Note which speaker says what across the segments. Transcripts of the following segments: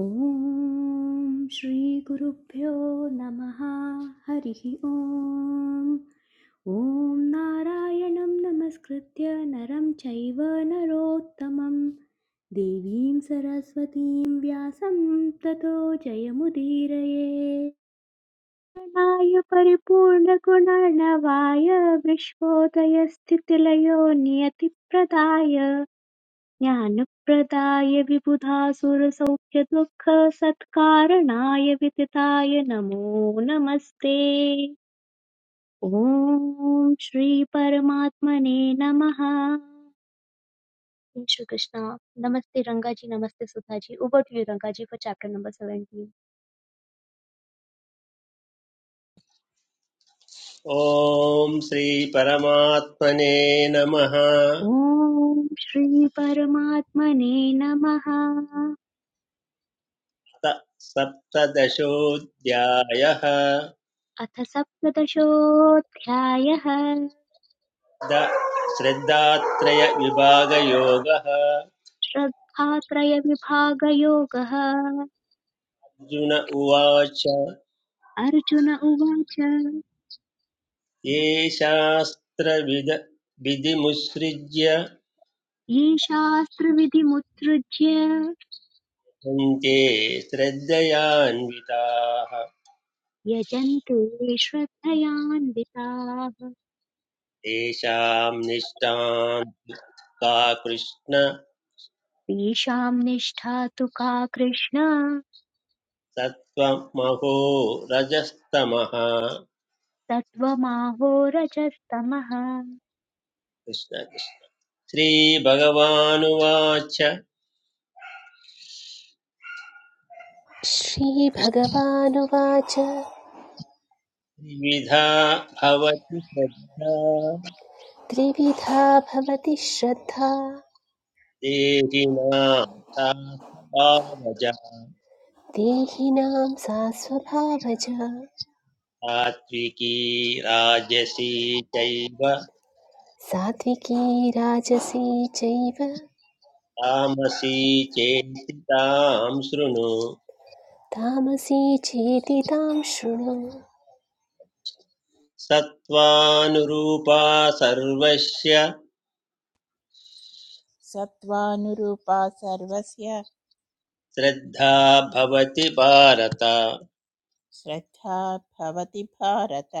Speaker 1: ॐ श्रीगुरुभ्यो नमः हरिः ॐ ॐ नारायणं नमस्कृत्य नरं चैव नरोत्तमं देवीं सरस्वतीं व्यासं ततो जयमुदीरये नाय परिपूर्णगुणर्णवाय विश्वोदयस्थितिलयो नियतिप्रदाय ज्ञानप्रदाय विबुधासुरसौख्यदुःखसत्कारणाय विदिताय नमो नमस्ते ॐ श्रीपरमात्मने नमः जय श्री कृष्ण नमस्ते रंगाजी नमस्ते सुधाजी over two you रंगाजी for chapter number 17
Speaker 2: ॐ श्री परमात्मने नमः
Speaker 1: ॐ श्री परमात्मने नमः
Speaker 2: त- सप्तदशोऽध्यायः
Speaker 1: अथ सप्तदशोऽध्यायः
Speaker 2: द श्रद्धात्रयविभागयोगः
Speaker 1: श्रद्धात्रयविभागयोगः
Speaker 2: अर्जुन उवाच
Speaker 1: अर्जुन उवाच
Speaker 2: ये शास्त्रविद विधिमुत्सृज्य
Speaker 1: ये शास्त्रविधिमुत्सृज्य
Speaker 2: सन्ते श्रद्धयान्विताः
Speaker 1: यजन्ते श्रद्धयान्विताः
Speaker 2: तेषां निष्ठां का कृष्ण
Speaker 1: तेषां निष्ठा तु का कृष्ण
Speaker 2: सत्त्वमहो रजस्तमः
Speaker 1: तत्त्वमाहोरजस्तमः
Speaker 2: कृष्ण श्रीभगवानुवाच
Speaker 3: श्रीभगवानुवाच
Speaker 2: विधा भवति श्रद्धा
Speaker 3: त्रिविधा भवति श्रद्धा
Speaker 2: देहिनां सा स्वभावजा
Speaker 3: देहिनां सा स्वभावजा
Speaker 2: सात्विकी राजसी चैव
Speaker 3: सात्विकी राजसी चैव
Speaker 2: तामसी चेति तां शृणु
Speaker 3: तामसी चेति तां शृणु
Speaker 2: सत्त्वानुरूपा सर्वस्य
Speaker 4: सत्त्वानुरूपा सर्वस्य
Speaker 2: श्रद्धा भवति भारत
Speaker 4: श्रद्धा भवति भारत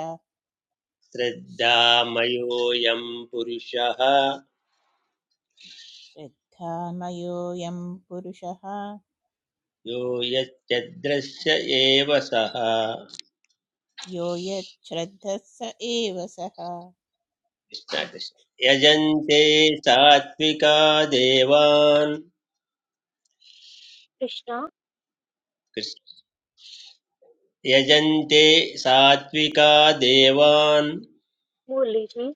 Speaker 2: श्रद्धामयोऽयं पुरुषः
Speaker 4: श्रद्धामयोऽयं पुरुषः
Speaker 2: यो यच्चद्रश्य एव सः कृष्ण
Speaker 4: यो यच्छ्रद्धः स एव सः
Speaker 2: कृष्ण यजन्ते सात्विका देवान्
Speaker 1: कृष्ण
Speaker 2: कृष्ण यजन्ते सात्विका देवान्
Speaker 1: मुरलीजी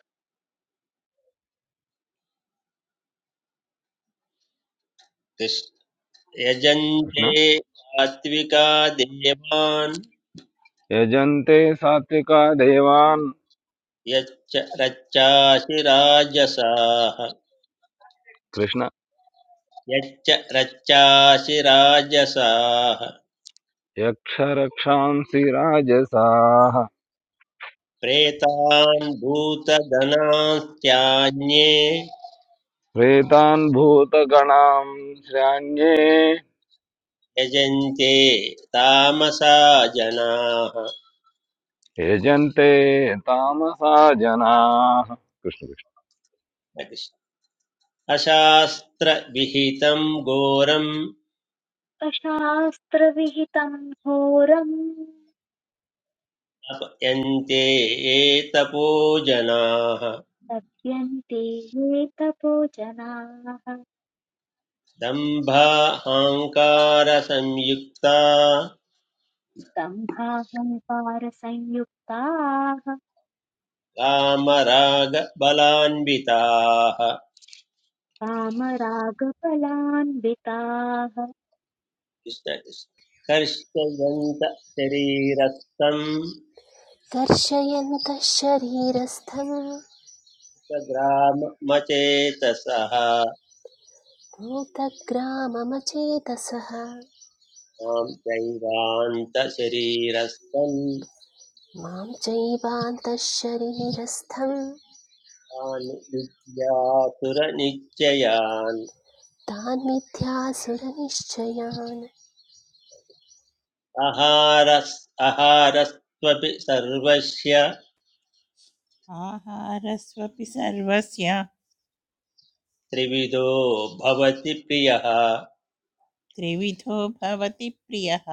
Speaker 2: कृष्ण यजन्ते
Speaker 5: कृष्ण
Speaker 2: सात्विका देवान्
Speaker 5: यजन्ते सात्विका देवान्
Speaker 2: यच्च रच्चासि राजसाः
Speaker 5: कृष्ण
Speaker 2: यच्च रच्चासि राजसाः
Speaker 5: यक्षरक्षांसि राजसाः
Speaker 2: प्रेतान् भूतगणास्त्यान्ये
Speaker 5: प्रेतान् भूतगणां श्रान्ये
Speaker 2: यजन्ते तामसा जनाः
Speaker 5: यजन्ते तामसा जनाः कृष्ण कृष्ण
Speaker 2: अशास्त्रविहितं घोरं
Speaker 1: अशास्त्रविहितं घोरम्
Speaker 2: तपयन्ते ये तपो जनाः
Speaker 1: तप्यन्ते ये तपो जनाः
Speaker 2: दम्भाहंकार संयुक्ता
Speaker 1: दम्भाहङ्कारसंयुक्ताः
Speaker 2: कामराग कामरागबलान्विताः
Speaker 1: कामरागफलान्विताः
Speaker 2: कृष्ण कृष्ण। कर्षयन्त शरीरस्थं
Speaker 3: कर्षयन्तः शरीरस्थं
Speaker 2: ग्राममचेतसः
Speaker 3: भूतग्राममचेतसः
Speaker 2: मां दैवान्तशरीरस्थं
Speaker 3: मां चैवान्तः शरीरस्थं
Speaker 2: तान् विद्यासुरनिश्चयान्
Speaker 3: तान् मिथ्यासुरनिश्चयान्
Speaker 2: अहारस् अहारस्त्वपि सर्वस्य
Speaker 4: आहारस्वपि सर्वस्य
Speaker 2: त्रिविधो भवति प्रियः
Speaker 4: त्रिविधो भवति प्रियः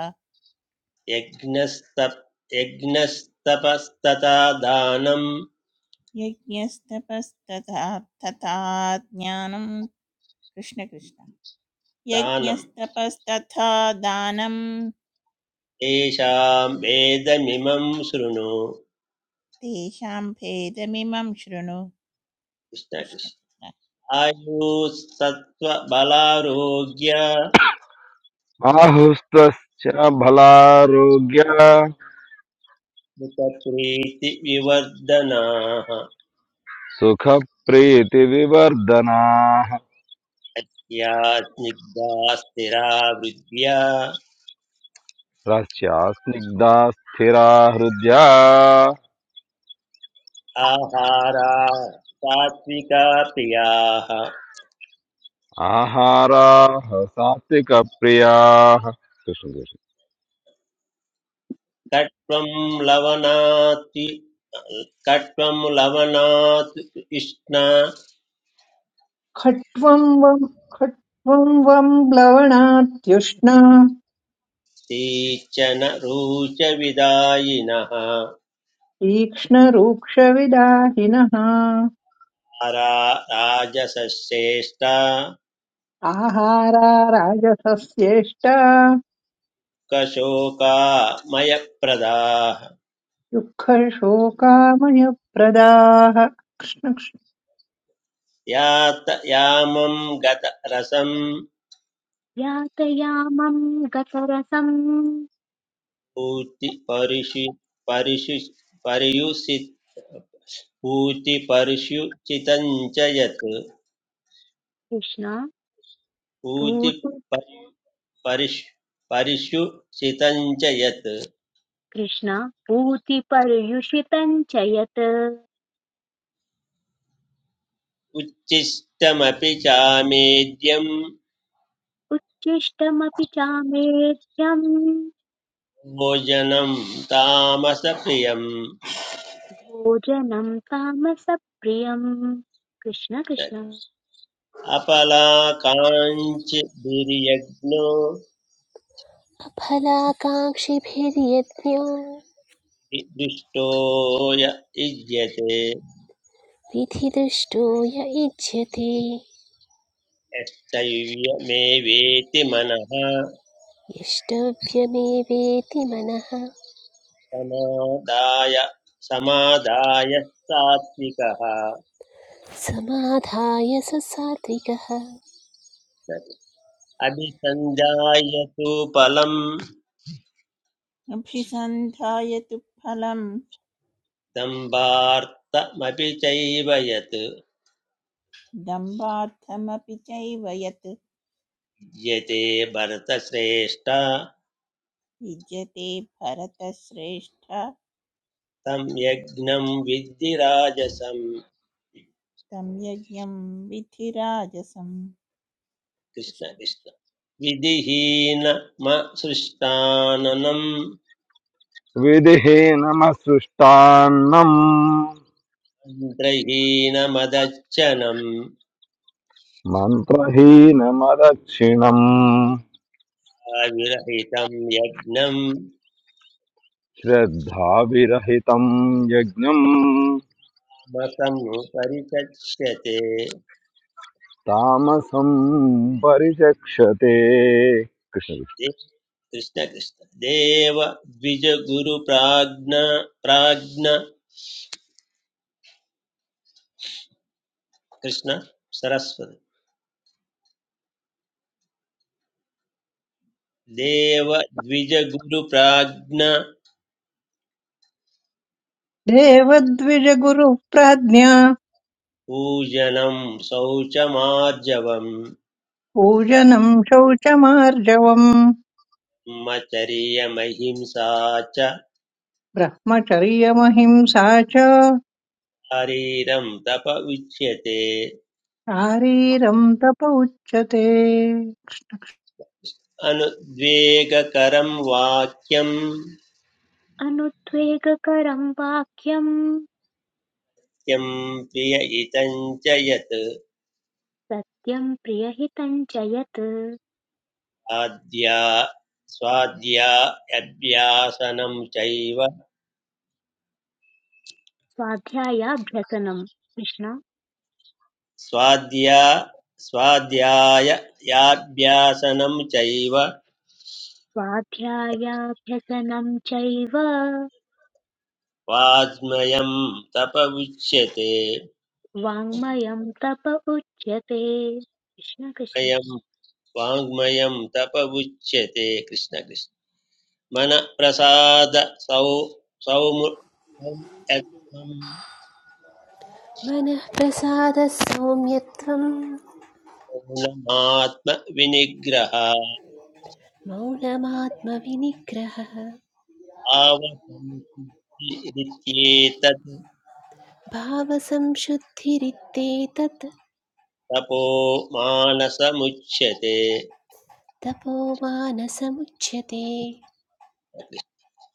Speaker 2: यज्ञस्तप् यज्ञस्तपस्तथा दानं
Speaker 4: यज्ञस्तपस्तथा तथा ज्ञानं कृष्णकृष्ण
Speaker 2: दानम्
Speaker 4: यज्ञस्तपस्तथा दानं
Speaker 2: तेषां वेदमिमं शृणु
Speaker 4: तेषां भेदमिमं शृणु कृष्ण
Speaker 2: कृष्णकृष्ण
Speaker 4: कृष्ण।
Speaker 2: आयुस्सत्त्वबलारोग्य
Speaker 5: आहुस्त्वश्च बलारोग्य
Speaker 2: मुखप्रीतिविवर्धनाः
Speaker 5: सुखप्रीतिविवर्धनाः
Speaker 2: अत्यात्मिका स्थिरा वृद्ध्या
Speaker 5: रस्यास्निग्धा स्थिरा हृद्या
Speaker 2: आहारा सात्विका प्रियाः
Speaker 5: आहाराः सात्विकप्रियाः कृष्ण कृष्ण
Speaker 2: कट्वं लवनाति कट्वं लवनात् कृष्णा
Speaker 6: खट्वं वं खट्वं वं प्लवनात्युष्णा
Speaker 2: तीचन रुचविदायिनः
Speaker 6: तीक्ष्णरूक्षविदाहिनः
Speaker 2: आरा राजसश्रेष्ठा
Speaker 6: आहारा राजसस्येष्टा
Speaker 2: कशोकामयप्रदाः
Speaker 6: दुःखशोकामयप्रदाः कृष्णकृष्ण
Speaker 2: यात यामं गत रसं
Speaker 1: यातयामम् गतरसम्
Speaker 2: भूति परिषि परिषि पर्युषि भूति पर्युषितं च यत्
Speaker 1: कृष्ण
Speaker 2: भूति
Speaker 1: पूति
Speaker 2: परिष् परिषुषितं च यत्
Speaker 1: कृष्ण पूतिपर्युषितम् च यत्
Speaker 2: उच्छिष्टमपि चामेद्यं
Speaker 1: उच्छिष्टमपि चामेध्यम्
Speaker 2: भोजनं तामसप्रियम्
Speaker 1: भोजनम् तामसप्रियम् कृष्ण कृष्ण
Speaker 2: अपलाकाञ्चिभिर्यज्ञो
Speaker 3: अफलाकाङ्क्षिभिर्यज्ञो
Speaker 2: दृष्टो य युज्यते
Speaker 3: विधिदुष्टो य इच्छति
Speaker 2: यस्तैव मे वेति मनः
Speaker 3: यष्टव्यमेवेति मनः
Speaker 2: समादाय समादाय सात्विकः
Speaker 3: समाधाय स सात्विकः
Speaker 2: अभिसञ्जायतु फलम्
Speaker 4: अभिसन्धाय तु फलम्
Speaker 2: दम्भार्थमपि चैव यत्
Speaker 4: दम्भार्थमपि चैव यत्
Speaker 2: यते भरतश्रेष्ठ
Speaker 4: युज्यते भरतश्रेष्ठ
Speaker 2: तं यज्ञं विद्धि राजसम्
Speaker 4: तं यज्ञं विधिराजसं
Speaker 2: कृष्ण कृष्ण विधिहीनमसृष्टाननम्
Speaker 5: विधिहीनमसृष्टान्नम्
Speaker 2: मन्त्रहीनमदच्छनम्
Speaker 5: मन्त्रहीनमदक्षिणम्
Speaker 2: अविरहितं यज्ञम्
Speaker 5: श्रद्धाविरहितम् यज्ञम्
Speaker 2: मतनु परिचक्ष्यते
Speaker 5: तामसम् परिचक्षते कृष्ण
Speaker 2: दे- कृष्ण कृष्ण देव द्विजगुरुप्राज्ञ प्राज्ञ प्राज्ञ कृष्ण सरस्वती देव द्विजगुरुप्राज्ञ
Speaker 6: देवद्विजगुरुप्राज्ञा
Speaker 2: पूजनं शौचमार्जवम्
Speaker 6: पूजनं शौचमार्जवम्
Speaker 2: मचर्यमहिंसा च
Speaker 6: ब्रह्मचर्यमहिंसा च
Speaker 2: हरीरं तप उच्यते
Speaker 6: शारीरं तप उच्यते
Speaker 2: अनुद्वेगकरं वाक्यं
Speaker 1: अनुद्वेगकरम् वाक्यम्
Speaker 2: त्यं प्रिय इतं च यत्
Speaker 1: सत्यम् प्रियहितम् च यत्
Speaker 2: स्वाध्या स्वाध्यायाभ्यासनं चैव
Speaker 1: स्वाध्यायाभ्यसनम् कृष्ण
Speaker 2: स्वाध्या स्वाध्यायाभ्यासनं चैव
Speaker 1: स्वाध्यायाभ्यसनम् चैव
Speaker 2: वाङ्मयं तप उच्यते
Speaker 1: वाङ्मयं तप उच्यते कृष्ण कृष्ण
Speaker 2: मयं वाङ्मयं तप उच्यते कृष्ण कृष्ण मनप्रसाद सौ सौमु यत्त्वं
Speaker 3: मनः प्रसादः सौम्यत्वं
Speaker 2: मौनमात्मविनिग्रह
Speaker 3: मौनमात्मविनिग्रहः
Speaker 2: आवसंसिद्धिरित्येतत्
Speaker 3: भावसंशुद्धिरित्येतत्
Speaker 2: तपो मानसमुच्यते
Speaker 3: तपोमानसमुच्यते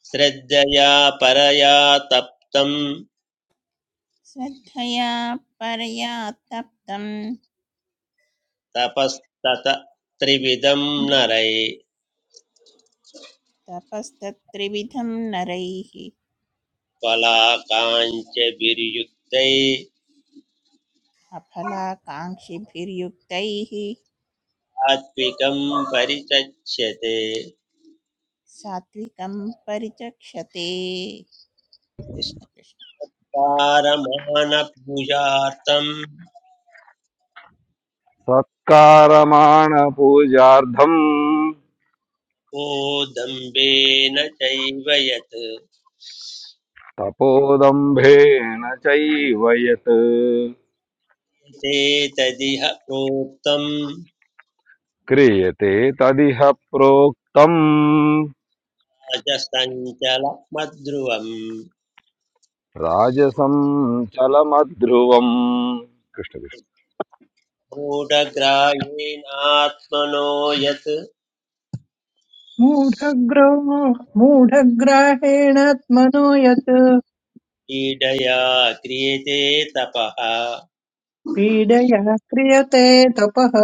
Speaker 2: श्रद्धया परया तप्तं
Speaker 4: श्रद्धया परया तप्तं
Speaker 2: तपस्तत त्रिविधं नरै
Speaker 4: तपस्तत्त्रिविधं नरैः
Speaker 2: कलाकाञ्च विर्युक्तै
Speaker 4: अफलाकाङ्क्षिभिर्युक्तैः
Speaker 2: आत्विकं परिचच्यते
Speaker 4: सात्विकं परिचक्षते कृष्ण कृष्ण
Speaker 2: पारमानपूजार्थं
Speaker 5: सत्कारमाण पूजार्थम्
Speaker 2: को दम्भेन चैव यत्
Speaker 5: तपोदम्भेन चैव यत्
Speaker 2: एतदिह प्रोक्तं
Speaker 5: क्रियते तदिह प्रोक्तम्
Speaker 2: अजसञ्चलमध्रुवम्
Speaker 5: राजसं चलमध्रुवम् कृष्ण
Speaker 2: गूढग्राह्येनात्मनो यत्
Speaker 6: मूढग्रो मूढग्राहेणात्मनो यत्
Speaker 2: पीडया क्रियते तपः
Speaker 6: पीडया क्रियते तपः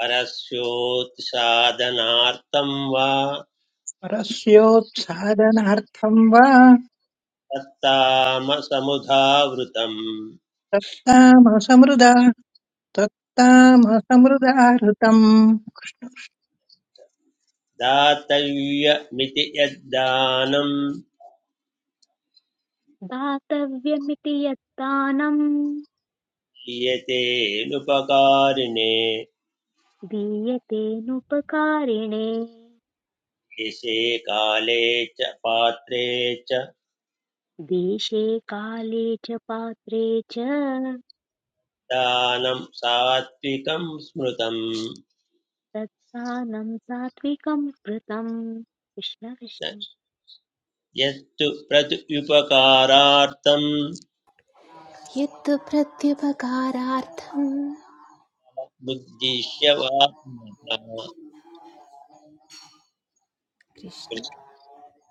Speaker 2: परस्योत्साधनार्थं वा
Speaker 6: परस्योत्सादनार्थं वा
Speaker 2: तत्तामसमुधावृतम्
Speaker 6: तत्तामसमृदा तत्तामसमृदाहृतम्
Speaker 2: दातव्यमिति यद्दानं
Speaker 1: दातव्यमिति यत्तानं
Speaker 2: क्रियते नुपकारिणे
Speaker 1: दीयतेनुपकारिणे
Speaker 2: देशे काले च पात्रे च
Speaker 1: देशे काले च पात्रे च
Speaker 2: दानं सात्विकं स्मृतम्
Speaker 1: तत्तानं सात्विकं कृतम् कृष्ण कृष्ण
Speaker 2: यत्तु प्रत्युपकारार्थम्
Speaker 3: यत्तु प्रत्युपकारार्थं
Speaker 2: मुद्दिश्य वा पुनः
Speaker 3: कृष्ण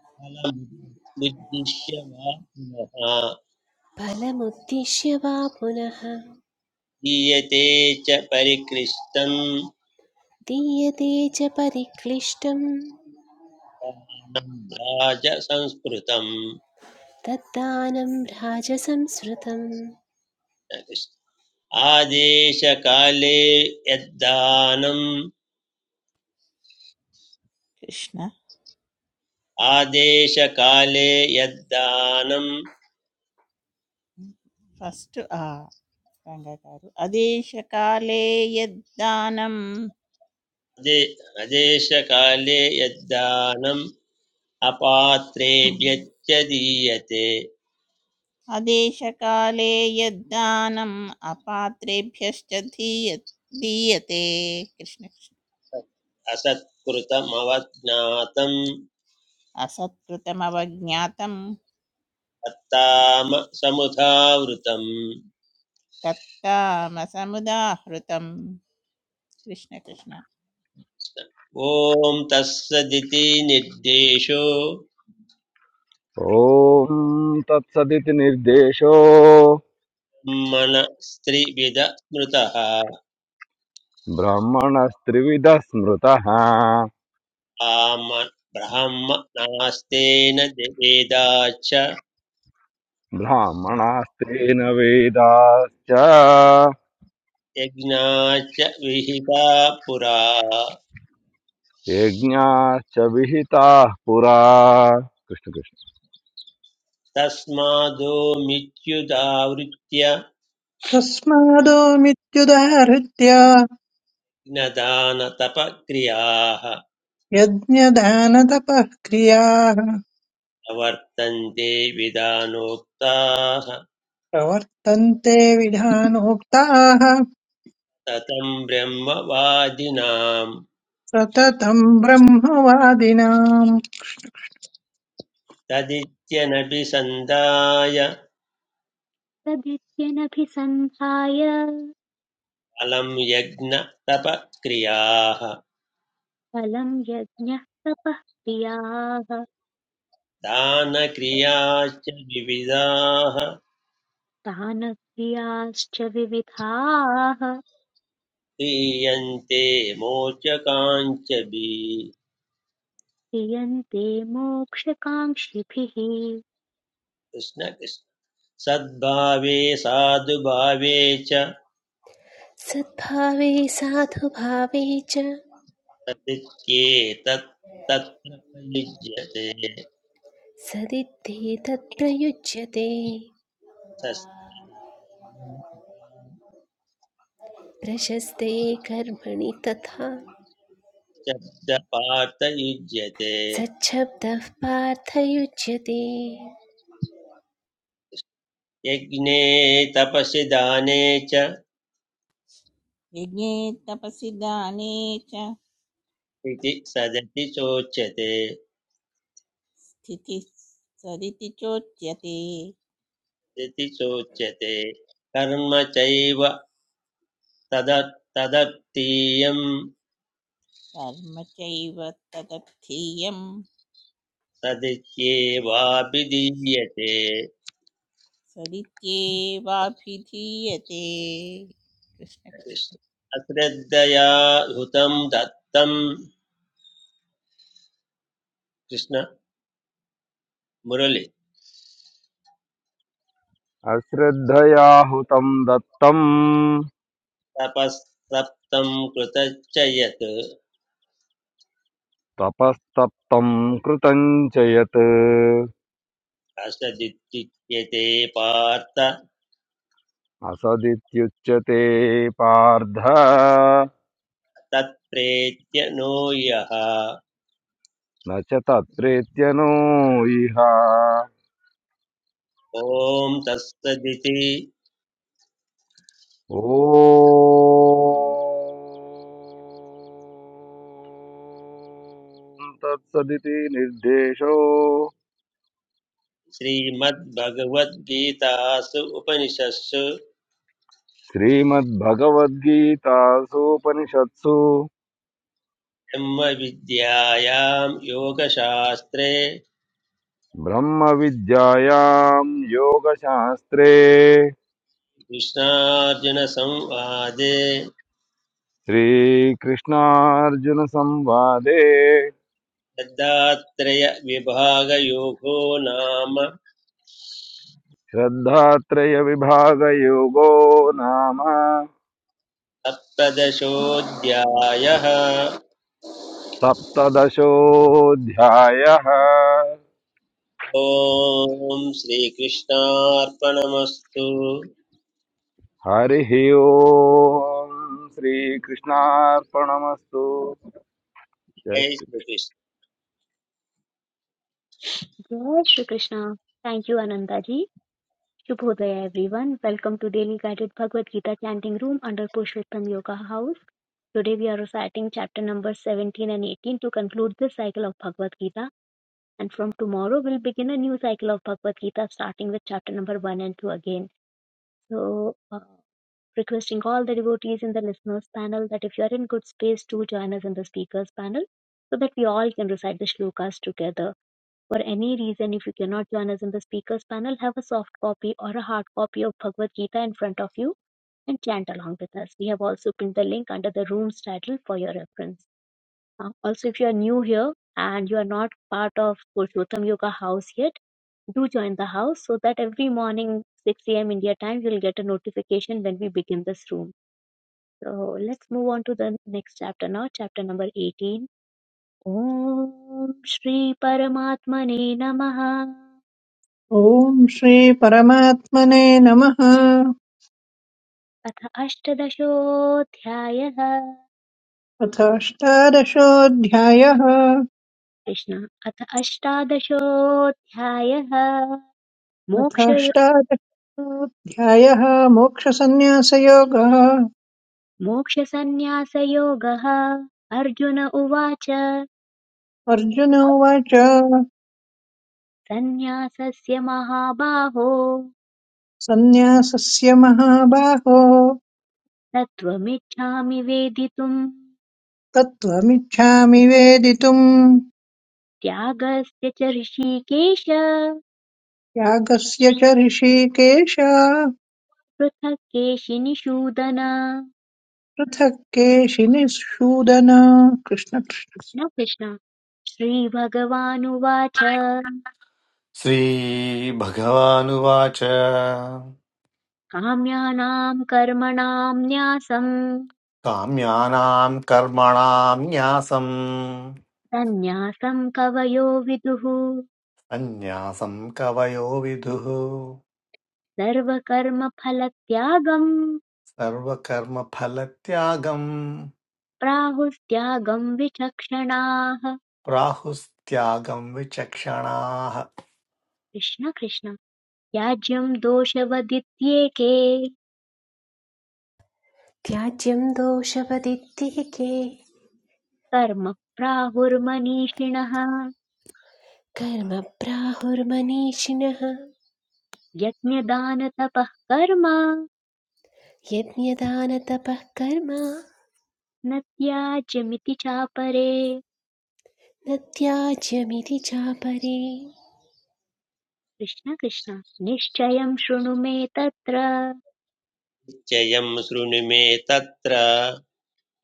Speaker 2: कृष्णफलमुद्दिश्य वा पुनः
Speaker 3: फलमुद्दिश्य वा पुनः
Speaker 2: दीयते च परिकृष्टम्
Speaker 3: दीयते च परिक्लिष्टम्
Speaker 2: राजसंस्कृतम्
Speaker 3: तद्दानं राजसंस्मृतं
Speaker 2: आदेशकाले यद्दानम्
Speaker 4: कृष्ण
Speaker 2: आदेशकाले यद्दानम्
Speaker 4: फस्ट् రంగగారు అదేశకాలే యద్దానం
Speaker 2: आदेशकाले यद्दानम् अपात्रेभ्यच्च दीयते
Speaker 4: అదేశకాలే యద్దానం అపాత్రేభ్యశ్చ ధీయ దీయతే కృష్ణ కృష్ణ
Speaker 2: असत्कृतमवज्ञातं
Speaker 4: అసత్కృతమవజ్ఞాతం
Speaker 2: तत्ताम समुधावृतम्
Speaker 4: తత్తామసముదాహృతం కృష్ణ కృష్ణ
Speaker 2: ॐ तत्सदिति निर्देशो
Speaker 5: ॐ तत्सदिति निर्देशो
Speaker 2: ब्रह्मणस्त्रिविध स्मृतः
Speaker 5: ब्राह्मणस्त्रिविधः स्मृतः
Speaker 2: आम ब्रह्म नास्तेन वेदाच्च
Speaker 5: ब्राह्मणास्तेन वेदाश्च
Speaker 2: यज्ञाच्च विहिता पुरा
Speaker 5: यज्ञाश्च विहिताः पुरा कृष्णकृष्ण
Speaker 2: तस्मादो मित्युदावृत्य
Speaker 6: तस्मादो मित्युदाहृत्य
Speaker 2: ज्ञदानतपक्रियाः
Speaker 6: यज्ञदानतपः क्रियाः
Speaker 2: वर्तन्ते विधानोक्ताः
Speaker 6: प्रवर्तन्ते विधानोक्ताः
Speaker 2: ततं ब्रह्मवादिनां
Speaker 6: सततम् ब्रह्मवादिनाम्
Speaker 2: तदित्यनभिसन्धाय
Speaker 1: तदित्यनभिसन्धाय
Speaker 2: फलं यज्ञतपक्रियाः
Speaker 1: फलं यज्ञः तपः क्रियाः
Speaker 2: दानक्रियाश्च विविधाः
Speaker 1: दानक्रियाश्च विविधाः
Speaker 2: क्रियन्ते मोचकाञ्च भी
Speaker 1: हियन्ते मोक्षकाङ्क्षिभिः
Speaker 2: कृष्ण कृष्ण सद्भावे साधुभावे च
Speaker 3: सद्भावे साधुभावे च
Speaker 2: तदित्येतत् तत्र प्रयुज्यते
Speaker 3: सदित्ते तत्प्रयुज्यते
Speaker 2: तस्मै कर्मणि तथा
Speaker 3: प्रशस्ते कर्मणि तथा
Speaker 2: च पार्थ युज्यते
Speaker 3: सच्छब्दः पार्थयुज्यते
Speaker 2: यज्ञे तपसि दाने च
Speaker 4: యజ్ఞే తపసి దానే చ
Speaker 2: इति सदति चोच्यते
Speaker 4: స్థితి సదితి చోచ్యతే
Speaker 2: इति चोच्यते कर्म चैव तद तदत्तीयं
Speaker 4: కర్మ చైవ తదర్థీయం
Speaker 2: सदित्येवाभिधीयते
Speaker 4: सदित्येवाभिधीयते कृष्ण कृष्ण।
Speaker 2: अश्रद्धया हुतं दत्तं कृष्ण मुरलि
Speaker 5: अश्रद्धया हुतं दत्तं
Speaker 2: तपस्तप्तं कृतश्च यत्
Speaker 5: तपस्तप्तं कृतं च यत्
Speaker 2: असदित्युच्यते पार्थ
Speaker 5: असदित्युच्यते पार्थ
Speaker 2: तत्प्रेत्य नो यः
Speaker 5: न च तत्रेत्यनो इह
Speaker 2: ॐ तत्सदिति
Speaker 5: ఓం తత్సదితి నిర్దేశో
Speaker 2: श्रीमद्भगवद्गीतासु उपनिषत्सु
Speaker 5: శ్రీమద్భగవద్గీతాసూపనిషత్సు
Speaker 2: ब्रह्मविद्यायां योगशास्त्रे
Speaker 5: బ్రహ్మ విద్యాయాం యోగశాస్త్రే
Speaker 2: कृष्णार्जुनसंवादे
Speaker 5: శ్రీకృష్ణార్జున సంవాదే
Speaker 2: दत्तात्रेयविभागयोगो नाम
Speaker 5: శ్రద్ధాత్రయ విభాగ యోగో నామ
Speaker 2: सप्तदशोऽध्यायः
Speaker 5: సప్తదశోధ్యాయ
Speaker 2: ॐ श्रीकृष्णार्पणमस्तु
Speaker 5: हरिः ओम् श्रीकृष्णार्पणमस्तु जय
Speaker 2: हे
Speaker 5: श्रीकृष्ण
Speaker 2: श्रीकृष्णचयं
Speaker 1: जय श्री कृष्णा थैंक यू आनंदा जी शुभोदय everyone welcome to daily guided Bhagavad Gita chanting room under Purushottam Yoga house today we are reciting chapter number 17 and 18 to conclude this cycle of bhagavad gita and from tomorrow we'll begin a new cycle of bhagavad gita starting with chapter number 1 and 2 again so uh, requesting all the devotees in the listeners panel that if you are in good space, do join us in the speakers panel so that we all can recite the shlokas together. For any reason, if you cannot join us in the speakers panel, have a soft copy or a hard copy of Bhagavad Gita in front of you and chant along with us. We have also pinned the link under the room's title for your reference. Uh, also, if you are new here and you are not part of Purushottam Yoga house yet, do join the house so that every morning 6 a.m. India time you'll get a notification when we begin this room. So let's move on to the next chapter now, chapter number 18. ॐ श्री परमात्मने नमः
Speaker 6: ॐ श्रीपरमात्मने नमः
Speaker 1: अथ अष्टदशोऽध्यायः
Speaker 6: अथ अष्टादशोऽध्यायः
Speaker 1: कृष्ण अथ अष्टादशोऽध्यायः
Speaker 6: अथ
Speaker 1: मोक्ष
Speaker 6: अष्टादशोऽध्यायः मोक्षसन्न्यासयोगः
Speaker 1: मोक्षसन्न्यासयोगः अर्जुन उवाच
Speaker 6: अर्जुन उवाच
Speaker 1: सन्न्यासस्य महाबाहो
Speaker 6: सन्न्यासस्य महाबाहो
Speaker 1: तत्त्वमिच्छामि वेदितुम्
Speaker 6: तत्त्वमिच्छामि वेदितुम्
Speaker 1: त्यागस्य च ऋषिकेश
Speaker 6: यागस्य च ऋषिकेश
Speaker 1: पृथक्केशिनिषूदन
Speaker 6: पृथक् केशिनिःशूदन कृष्ण कृष्ण।
Speaker 1: न कृष्ण श्रीभगवानुवाच
Speaker 7: श्रीभगवानुवाच
Speaker 1: काम्यानाम् कर्मणाम् न्यासम्
Speaker 7: काम्यानां कर्मणां न्यासम्
Speaker 1: सन्न्यासम् कवयो विदुः
Speaker 7: सन्न्यासं कवयो विदुः
Speaker 1: सर्वकर्मफलत्यागम्
Speaker 7: सर्वकर्मफलत्यागम्
Speaker 1: प्राहुस्त्यागम् विचक्षणाः
Speaker 7: प्राहुस्त्यागं विचक्षणाः
Speaker 1: कृष्ण कृष्ण त्याज्यम् दोषवदित्येके
Speaker 3: त्याज्यं दोषपदित्तिके
Speaker 1: कर्म प्राहुर्मनीषिणः
Speaker 3: कर्म प्राहुर्मनीषिणः
Speaker 1: यज्ञदानतपः कर्म
Speaker 3: यज्ञदानतपः कर्म
Speaker 1: न त्याज्यमिति चापरे
Speaker 3: न त्याज्यमिति चापरे
Speaker 1: कृष्ण कृष्ण निश्चयं शृणु मे तत्र
Speaker 2: शृणु मे तत्र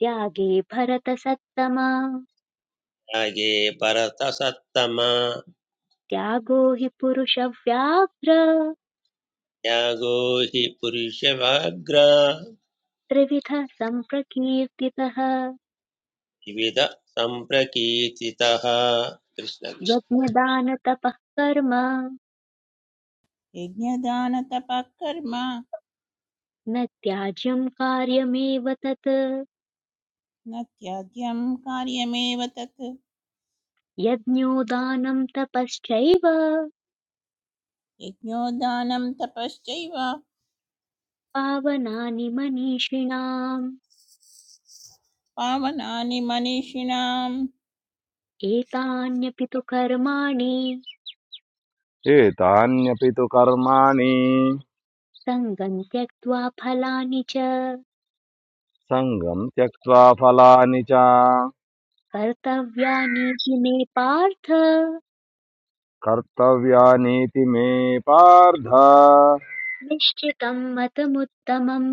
Speaker 1: त्यागे भरतसत्तम
Speaker 2: त्यागे परतसत्तमा
Speaker 1: त्यागो हि पुरुषव्याघ्र
Speaker 2: त्यागो हि पुरुषवाग्र
Speaker 1: त्रिविध सम्प्रकीर्तितः
Speaker 2: विविध सम्प्रकीर्तितः कृष्णकृष्ण
Speaker 1: यज्ञदानतपः कर्म
Speaker 4: यज्ञदानतपःकर्म
Speaker 1: न त्याज्यं कार्यमेव तत्
Speaker 4: न त्याज्यं कार्यमेव तत्
Speaker 1: यज्ञो दानं तपश्चैव
Speaker 4: यज्ञोदानं तपश्चैव
Speaker 1: पावनानि मनीषिणाम्
Speaker 4: पावनानि मनीषिणां
Speaker 1: एतान्यपि तु कर्माणि
Speaker 5: एतान्यपि तु कर्माणि
Speaker 1: सङ्गम् त्यक्त्वा फलानि च
Speaker 5: सङ्गम् त्यक्त्वा फलानि च
Speaker 1: कर्तव्यानीति मे पार्थ
Speaker 5: कर्तव्यानीति मे पार्थ
Speaker 1: निश्चितम् मतमुत्तमम्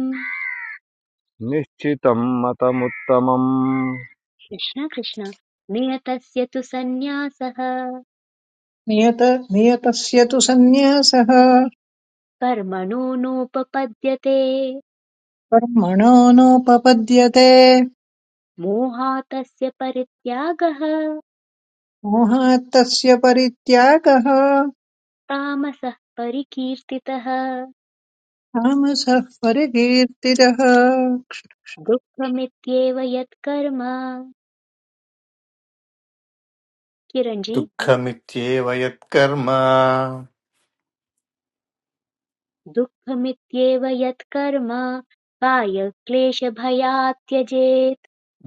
Speaker 5: निश्चितं मतमुत्तमम्
Speaker 1: कृष्ण कृष्ण नियतस्य तु सन्न्यासः
Speaker 6: नियत नियतस्य तु सन्न्यासः
Speaker 1: कर्मणो नोपपद्यते
Speaker 6: कर्मणो नोपपद्यते
Speaker 1: मोहातस्य परित्यागः
Speaker 6: मोहात् तस्य परित्यागः
Speaker 1: तामसः परिकीर्तितः
Speaker 6: तामसः परिकीर्तितः
Speaker 1: दुःखमित्येव यत्कर्म किरञ्जी
Speaker 7: दुःखमित्येव यत्कर्म
Speaker 1: दुःखमित्येव यत्कर्म कायक्लेशभयात् त्यजेत्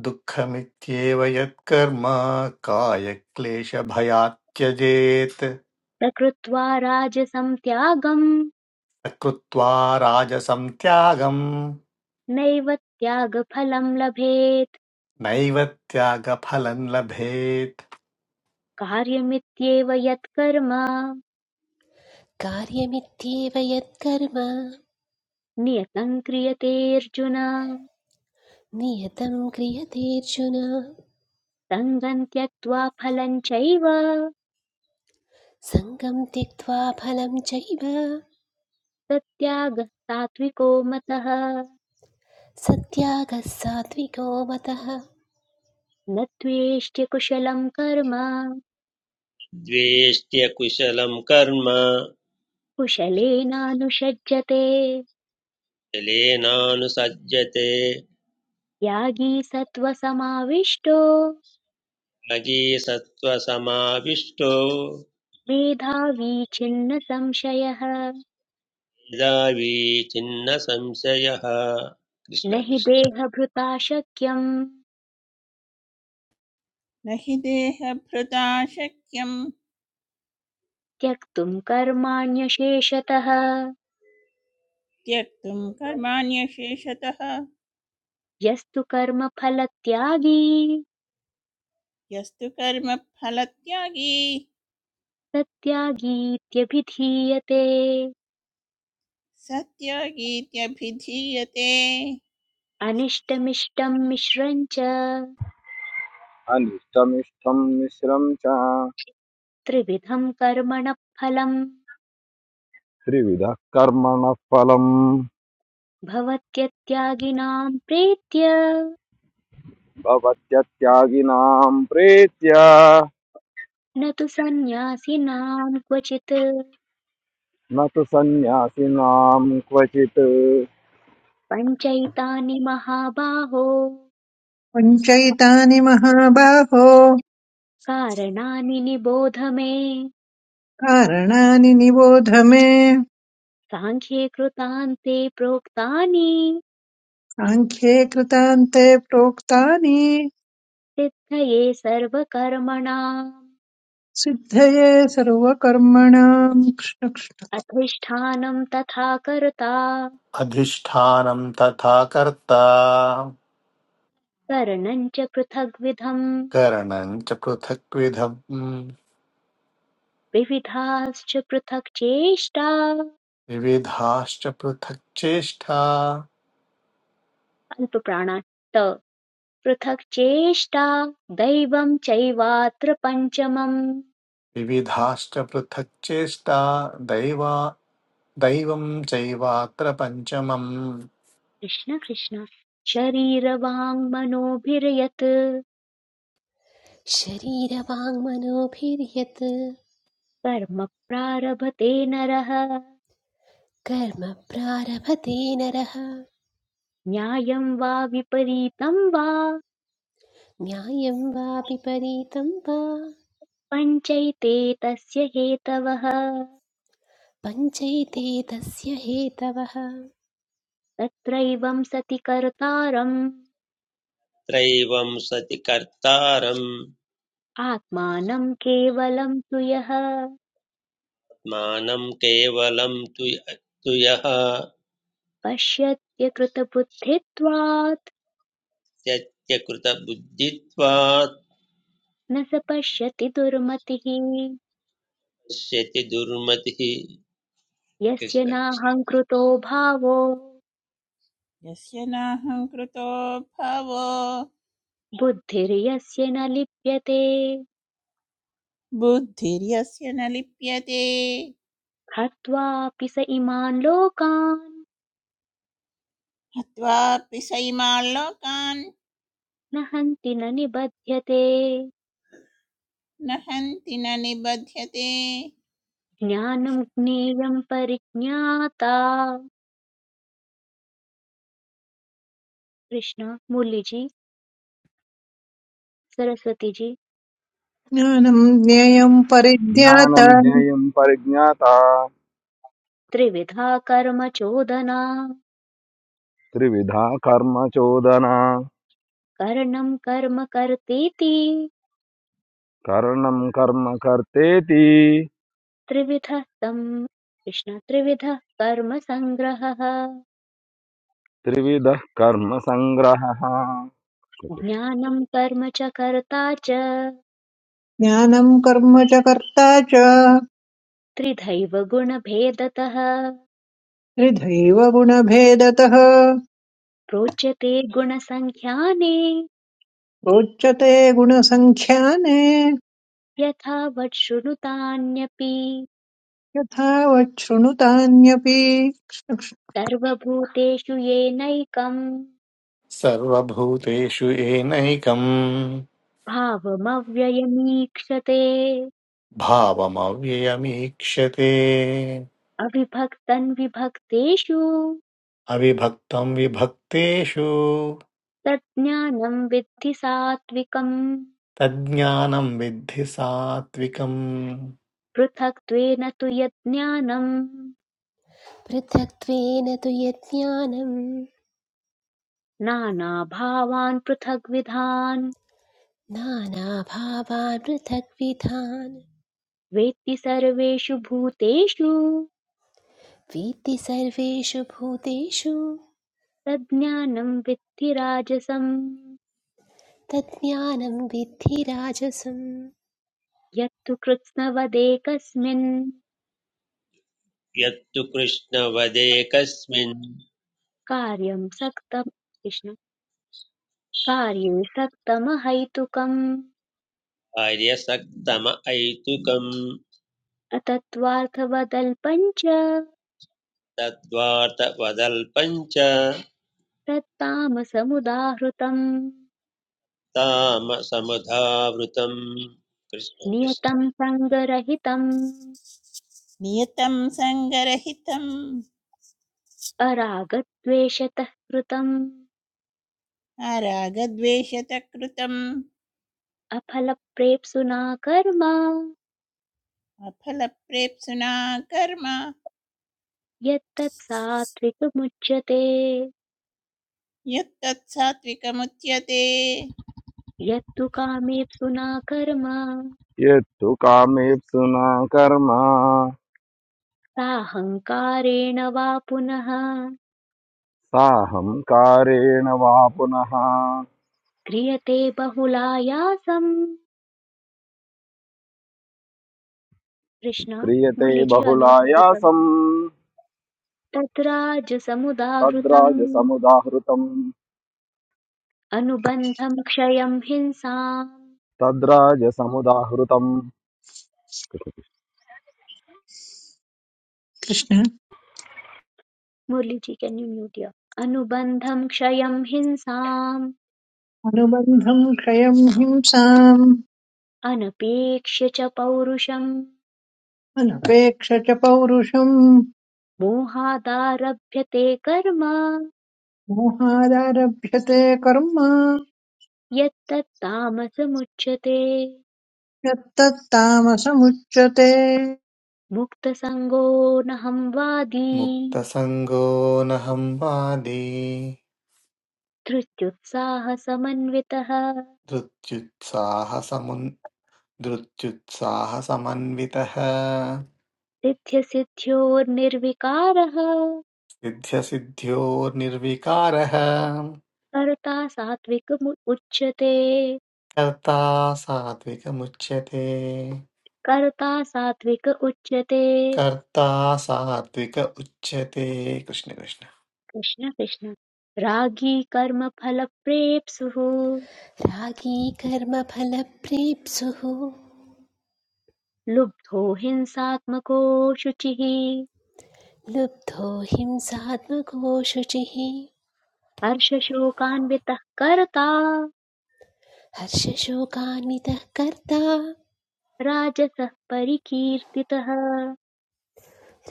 Speaker 7: दुःखमित्येव यत्कर्म कायक्लेशभयात् त्यजेत्
Speaker 1: न कृत्वा राजसं त्यागं
Speaker 7: कृत्वा राजसं त्यागम्
Speaker 1: नैव त्यागफलं लभेत्
Speaker 7: नैव त्यागफलम् लभेत्
Speaker 1: कार्यमित्येव यत्कर्म
Speaker 3: कार्यमित्येव यत्कर्म
Speaker 1: नियतं क्रियतेऽर्जुन
Speaker 3: नियतं क्रियतेऽर्जुन
Speaker 1: सङ्गं त्यक्त्वा फलं चैव
Speaker 3: सङ्गं त्यक्त्वा फलं चैव
Speaker 1: तत्त्यागः सात्विको मतः
Speaker 3: सत्यागः सात्विको मतः
Speaker 1: न त्वेष्ट्य कुशलं कर्म
Speaker 2: द्वेष्ट्य कुशलं कर्म
Speaker 1: कुशलेनानुषज्यते
Speaker 2: जलेनानुसज्जते
Speaker 1: त्यागी सत्त्वसमाविष्टो
Speaker 2: मयि सत्त्वसमाविष्टो
Speaker 1: मेधावी छिन्न संशयः
Speaker 2: मेधावी छिन्न संशयः
Speaker 1: न हि
Speaker 2: कृष्णकृष्ण
Speaker 1: देहभृता शक्यम्
Speaker 4: न हि देहभृता शक्यं
Speaker 1: त्यक्तुम् कर्माण्यशेषतः
Speaker 4: त्यक्तुं कर्माण्यशेषतः
Speaker 1: यस्तु कर्मफलत्यागी
Speaker 4: यस्तु कर्म फलत्यागी
Speaker 1: सत्यागीत्यभिधीयते
Speaker 4: सत्यागीत्यभिधीयते
Speaker 1: अनिष्टमिष्टम् मिश्रम् च
Speaker 5: अनिष्टमिष्टं मिश्रं च
Speaker 1: त्रिविधम् कर्मणः फलम्
Speaker 5: त्रिविधः कर्मणः फलम्
Speaker 1: भवत्यत्यागिनाम् प्रीत्य
Speaker 5: भवत्यत्यागिनां प्रीत्या
Speaker 1: न तु सन्न्यासिनाम् क्वचित्
Speaker 5: न तु सन्न्यासिनां क्वचित्
Speaker 1: पञ्चैतानि महाबाहो
Speaker 6: पञ्चैतानि महाबाहो
Speaker 1: कारणानि निबोध मे
Speaker 6: कारणानि निबोध मे
Speaker 1: साङ्ख्ये कृतान्ते प्रोक्तानि
Speaker 6: साङ्ख्ये कृतान्ते प्रोक्तानि
Speaker 1: सिद्धये सर्वकर्मणाम्
Speaker 6: सिद्धये सर्वकर्मणाम्
Speaker 1: अधिष्ठानं तथा कर्ता
Speaker 7: अधिष्ठानम् तथा कर्ता
Speaker 1: करणं च पृथग्विधम्
Speaker 7: करणम् च पृथक्विधम्
Speaker 1: विविधाश्च पृथक् चेष्टा
Speaker 7: विविधाश्च पृथक् चेष्टा
Speaker 1: अल्पप्राणा त पृथक् चेष्टा दैवं चैवात्र पञ्चमम्
Speaker 7: विविधाश्च पृथक् चेष्टा दैवा दैवम् चैवात्र पञ्चमम्
Speaker 1: कृष्ण कृष्ण शरीरवाङ्मनोभिर्यत्
Speaker 3: शरीरवाङ्मनोभिर्यत्
Speaker 1: कर्म प्रारभते नरः
Speaker 3: कर्म प्रारभते नरः
Speaker 1: न्यायं वा विपरीतं वा
Speaker 3: न्यायं वा विपरीतं वा
Speaker 1: पञ्चैते तस्य हेतवः
Speaker 3: पञ्चैते तस्य हेतवः
Speaker 1: तत्रैवं सति कर्तारम्
Speaker 2: त्रैवं सति कर्तारम्
Speaker 1: आत्मानं केवलं तु यः
Speaker 2: मानं केवलं तु तु यः
Speaker 1: पश्यत्य कृतबुद्धित्वात्
Speaker 2: त्यक्तकृतबुद्धित्वात्
Speaker 1: न स पश्यति दुर्मतिः
Speaker 2: पश्यति दुर्मतिः
Speaker 1: यस्य
Speaker 2: कृष्ण कृष्ण।
Speaker 1: नाहङ्कृतो भावो
Speaker 4: यस्य नाहं कृतो भावो
Speaker 1: बुद्धिर्यस्य न लिप्यते
Speaker 4: बुद्धिर्यस्य न लिप्यते
Speaker 1: हत्वापि स इमान् लोकान्
Speaker 4: हत्वापि सैमान् लोकान्
Speaker 1: न हन्ति न निबध्यते
Speaker 4: न हन्ति न निबध्यते
Speaker 1: ज्ञानं
Speaker 4: कृष्ण
Speaker 1: ज्ञेयं परिज्ञाता कृष्ण मुरलीजी सरस्वती जी
Speaker 6: ज्ञानम् ज्ञेयम्
Speaker 5: ज्ञानं
Speaker 6: परिज्ञाता
Speaker 5: ज्ञेयं परिज्ञाता
Speaker 1: त्रिविधा कर्म चोदना
Speaker 5: त्रिविधा कर्म चोदना
Speaker 1: कर्णं कर्म कर्तेति
Speaker 5: करणं कर्म कर्तेति
Speaker 1: त्रिविधः सं कृष्ण त्रिविधः कर्म सङ्ग्रहः
Speaker 5: त्रिविधः कर्म सङ्ग्रहः
Speaker 1: ज्ञानं कर्म च कर्ता च
Speaker 6: ज्ञानम् कर्म च कर्ता च
Speaker 1: त्रिधैव गुणभेदतः
Speaker 6: त्रिधैव गुणभेदतः
Speaker 1: प्रोच्यते गुणसङ्ख्याने
Speaker 6: रोचते गुणसङ्ख्याने
Speaker 1: यथा वत् शृणुतान्यपि
Speaker 6: यथा वच्छृणुतान्यपि कृष्ण
Speaker 1: सर्वभूतेषु येनैकम्
Speaker 7: सर्वभूतेषु येनैकम्
Speaker 1: भावमव्ययमीक्षते
Speaker 7: भावमव्ययमीक्षते
Speaker 1: अविभक्तन् विभक्तेषु
Speaker 7: अविभक्तं विभक्तेषु
Speaker 1: तज्ज्ञानं विद्धि सात्विकम्
Speaker 7: तज्ज्ञानं विद्धि सात्विकम्
Speaker 1: पृथक्त्वेन तु यज्ञानं
Speaker 3: पृथक्त्वेन तु यज्ञानं
Speaker 1: नानाभावान् पृथग्विधान्
Speaker 3: नानाभावान् पृथग्विधान्
Speaker 1: वेत्ति सर्वेषु भूतेषु
Speaker 3: वेत्ति सर्वेषु भूतेषु
Speaker 1: तज्ज्ञानं विद्धि राजसम्
Speaker 3: तज्ज्ञानं विद्धि राजसं
Speaker 1: यत्तु कृत्स्नवदेकस्मिन्
Speaker 2: यत्तु कृष्णवदेकस्मिन्
Speaker 1: कार्यं सक्तम् कृष्ण कार्ये सक्तमहैतुकम्
Speaker 2: कार्यसक्तम ऐतुकं
Speaker 1: अतत्त्वार्थवदल्पञ्च
Speaker 2: तद्वार्तवदल्पं च
Speaker 1: तत्तामसमुदाहृतम्
Speaker 2: तामसमुधावृतं
Speaker 1: नियतम् सङ्गरहितम्
Speaker 4: नियतं सङ्गरहितं
Speaker 1: अरागद्वेषतः कृतम्
Speaker 4: रागद्वेषतकृतम्
Speaker 1: अफलप्रेप्सुना कर्म
Speaker 4: अफलप्रेप्सुना कर्म
Speaker 1: यत्तत् सात्विकमुच्यते
Speaker 4: यत्तत् सात्विकमुच्यते
Speaker 1: यत्तु कामेप्सुना कर्म
Speaker 5: यत्तु कामेप्सुना कर्म
Speaker 1: साहङ्कारेण वा पुनः
Speaker 5: साहं कारेण वा पुनः
Speaker 1: क्रियते बहुलायासम् कृष्ण
Speaker 5: क्रियते
Speaker 1: मुलिजि अनोटबुकम्
Speaker 5: बहुलायासं
Speaker 1: तत्राजसमुदाहृतम्
Speaker 5: तद्राजसमुदाहृतं
Speaker 1: अनुबन्धं क्षयं हिंसाम्
Speaker 5: तद्राजसमुदाहृतं
Speaker 6: कृष्ण।
Speaker 1: मुरलीजी केन् यू म्यूट् अनुबन्धं क्षयं हिंसाम्
Speaker 6: अनुबन्धं क्षयं हिंसाम्
Speaker 1: अनपेक्ष्य च पौरुषम्
Speaker 6: अनपेक्ष च पौरुषम्
Speaker 1: मोहादारभ्यते कर्म
Speaker 6: मोहादारभ्यते कर्म
Speaker 1: यत्तत्तामसमुच्यते
Speaker 6: यत्तत्तामसमुच्यते
Speaker 1: मुक्तसङ्गो नहं वादी
Speaker 7: मुक्तसङ्गो न संवादी
Speaker 1: धृत्युत्साहसमन्वितः
Speaker 7: धृत्युत्साहसमुन् धृत्युत्साहसमन्वितः
Speaker 1: सिद्ध्यसिद्ध्योर्निर्विकारः
Speaker 7: सिद्ध्यसिद्ध्योर्निर्विकारः
Speaker 1: कर्ता सात्विकमुच्यते
Speaker 7: कर्ता सात्विकमुच्यते
Speaker 1: कर्ता सात्विक उच्यते
Speaker 7: कर्ता सात्विक उच्यते कृष्ण कृष्ण
Speaker 1: कृष्ण कृष्ण रागी कर्म फल प्रेप्सुः
Speaker 3: रागी कर्मफलप्रेप्सुः
Speaker 1: लुब्धो हिंसात्मको शुचिः
Speaker 3: लुब्धो हिंसात्मको शुचिः
Speaker 1: हर्षशोकान्वितः कर्ता
Speaker 3: हर्षशोकान्वितः कर्ता
Speaker 1: राजसः परिकीर्तितः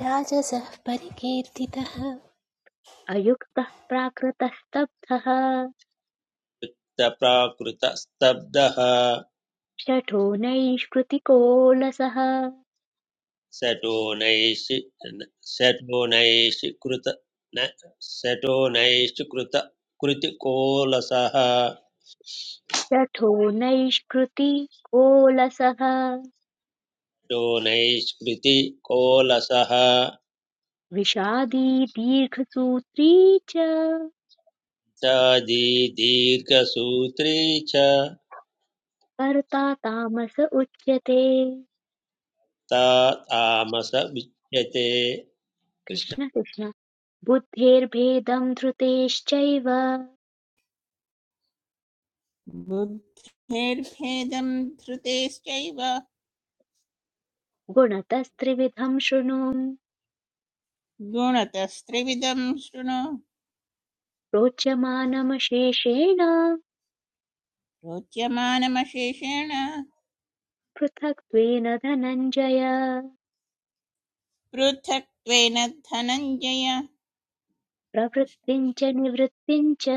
Speaker 3: राजसः परिकीर्तितः
Speaker 1: अयुक्तः प्राकृतः स्तब्धः
Speaker 2: कृष्णकृष्णप्राकृतस्तब्धः
Speaker 1: शठो नैष्कृतिको लसः
Speaker 2: शटोनैषि शटोनैषीकृत न शटोनैष्कृत कृतिकोलसः
Speaker 1: शठो नैष्कृतिको लसः
Speaker 2: शटोनैष्कृति कोलसः
Speaker 1: विषादी दीर्घसूत्री च
Speaker 2: चादी दीर्घसूत्री च
Speaker 1: कर्ता तामस उच्यते
Speaker 2: ता तामस विच्यते
Speaker 1: कृष्ण कृष्ण बुद्धेर्भेदम् धृतेश्चैव
Speaker 4: बुद्धेर्भेदं धृतेश्चैव
Speaker 1: गुणतस्त्रिविधम् शृणु
Speaker 4: गुणतस्त्रिविधं शृणु
Speaker 1: प्रोच्यमानमशेषेण
Speaker 4: रोच्यमानमशेषेण
Speaker 1: पृथक्त्वेन धनञ्जय
Speaker 4: पृथक्त्वेन धनञ्जय
Speaker 1: प्रवृत्तिम् च निवृत्तिम् च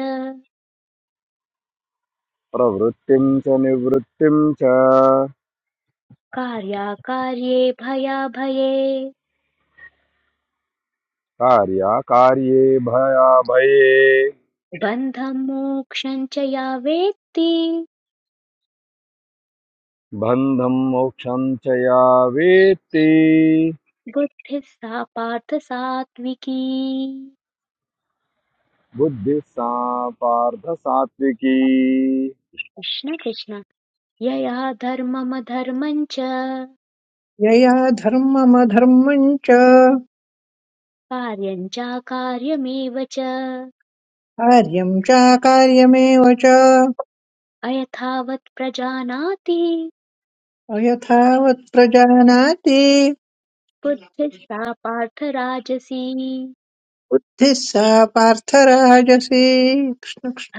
Speaker 5: प्रवृत्तिं च निवृत्तिं च
Speaker 1: कार्याकार्ये भयाभये
Speaker 5: कार्याकार्ये भयाभये
Speaker 1: बन्धम् मोक्षम् च या वेत्ति
Speaker 5: बन्धं मोक्षं च या वेत्ति
Speaker 1: बुद्धिः सा पार्थ सात्विकी
Speaker 5: बुद्धिः सा पार्थ सात्विकी
Speaker 1: कृष्ण कृष्ण यया धर्मम धर्मं च
Speaker 6: यया धर्ममधर्मम् च
Speaker 1: कार्यं चाकार्यमेव च
Speaker 6: कार्यं चाकार्यमेव च
Speaker 1: अयथावत् प्रजानाति
Speaker 6: अयथावत् प्रजानाति
Speaker 1: बुद्धिस्सा पार्थ राजसी
Speaker 6: बुद्धिः सा पार्थराजसी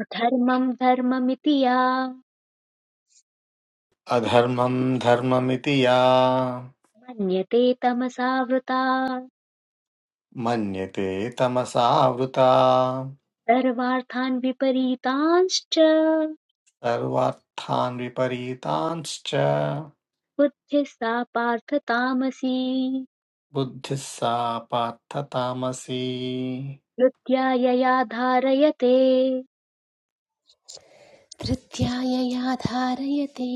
Speaker 1: अधर्मं धर्ममिति या
Speaker 7: अधर्मं धर्ममिति या
Speaker 1: मन्यते तमसा वृता
Speaker 7: मन्यते तमसावृता
Speaker 1: सर्वार्थान् विपरीतांश्च
Speaker 7: सर्वार्थान् विपरीतांश्च
Speaker 1: बुद्धिः सा पार्थ तामसी
Speaker 7: बुद्धिः सा पार्थतामसी
Speaker 1: हृद्या यया धारयते
Speaker 3: धृत्यायया धारयते